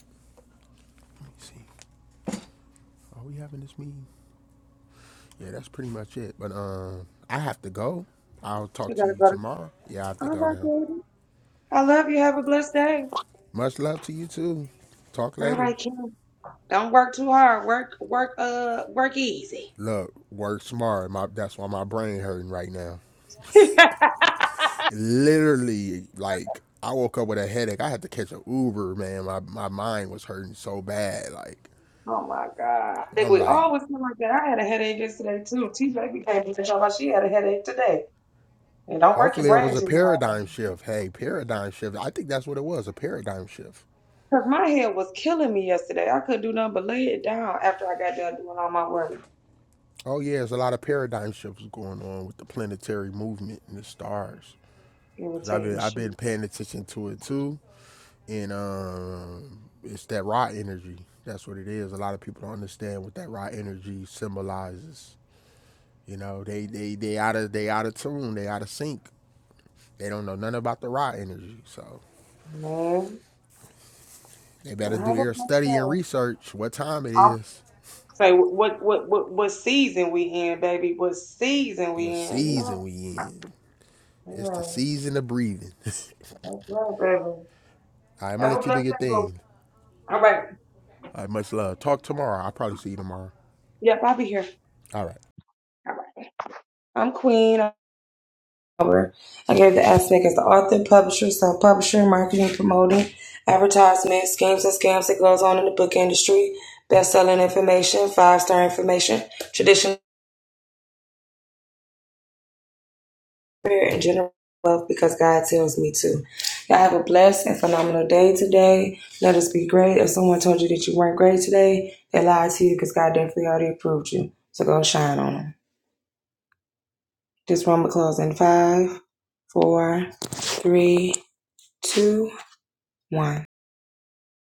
Speaker 7: Let me see. Are we having this meeting? Yeah, that's pretty much it. But um, I have to go. I'll talk
Speaker 1: You
Speaker 7: to
Speaker 1: gotta
Speaker 7: you
Speaker 1: go to.
Speaker 7: tomorrow. Yeah, I have to
Speaker 1: All
Speaker 7: go
Speaker 1: right,
Speaker 7: now.
Speaker 1: baby. I love you. Have a blessed day.
Speaker 7: Much love to you too. Talk
Speaker 1: All
Speaker 7: later.
Speaker 1: right, Kim. Don't work too hard. Work, work, uh, work easy.
Speaker 7: Look, work smart. My that's why my brain hurting right now. literally like I woke up with a headache. I had to catch an Uber, man. My my mind was hurting so bad. Like
Speaker 1: Oh my God. I think
Speaker 7: I'm
Speaker 1: we
Speaker 7: like,
Speaker 1: always feel like that. I had a headache yesterday too. TJ became came and told me she had a headache today. And don't work your
Speaker 7: hopefully it was
Speaker 1: brain
Speaker 7: a
Speaker 1: too much.
Speaker 7: paradigm shift. Hey, paradigm shift. I think that's what it was, a paradigm shift.
Speaker 1: Cause my head was killing me yesterday. I couldn't do nothing but lay it down after I got done doing all my work.
Speaker 7: Oh yeah, there's a lot of paradigm shifts going on with the planetary movement and the stars. Cause I've been
Speaker 1: Irritating
Speaker 7: I've
Speaker 1: shit.
Speaker 7: been paying attention to it too, and um, it's that raw energy. That's what it is. A lot of people don't understand what that raw energy symbolizes You know, they they they out of they out of tune, they out of sync. They don't know nothing about the raw energy, so
Speaker 1: Man.
Speaker 7: they
Speaker 1: Well,
Speaker 7: better
Speaker 1: how
Speaker 7: do
Speaker 1: about
Speaker 7: their study and
Speaker 1: myself?
Speaker 7: research. What time it
Speaker 1: I'm
Speaker 7: is?
Speaker 1: say what what what what season we in, baby? What season we
Speaker 7: What
Speaker 1: in, you
Speaker 7: season
Speaker 1: know?
Speaker 7: we in? It's the
Speaker 1: Yeah.
Speaker 7: season of breathing. All
Speaker 1: That's right, baby.
Speaker 7: right, I'm gonna
Speaker 1: Have a
Speaker 7: let you do
Speaker 1: blessed
Speaker 7: your
Speaker 1: day, boo.
Speaker 7: thing.
Speaker 1: All right.
Speaker 7: All right, much love. Talk tomorrow. I'll probably see you tomorrow.
Speaker 1: Yep, I'll be here.
Speaker 7: All right.
Speaker 1: I'm Queen. I gave the aspect as the author, publisher, self publisher, marketing, promoting, advertisement, schemes and scams that goes on in the book industry, best selling information, five star information, traditional career, and general wealth because God tells me to. Y'all have a blessed and phenomenal day today. Let us be great. If someone told you that you weren't great today, they lied to you because God definitely already approved you. So go shine on them. This one will close in five, four, three, two, one.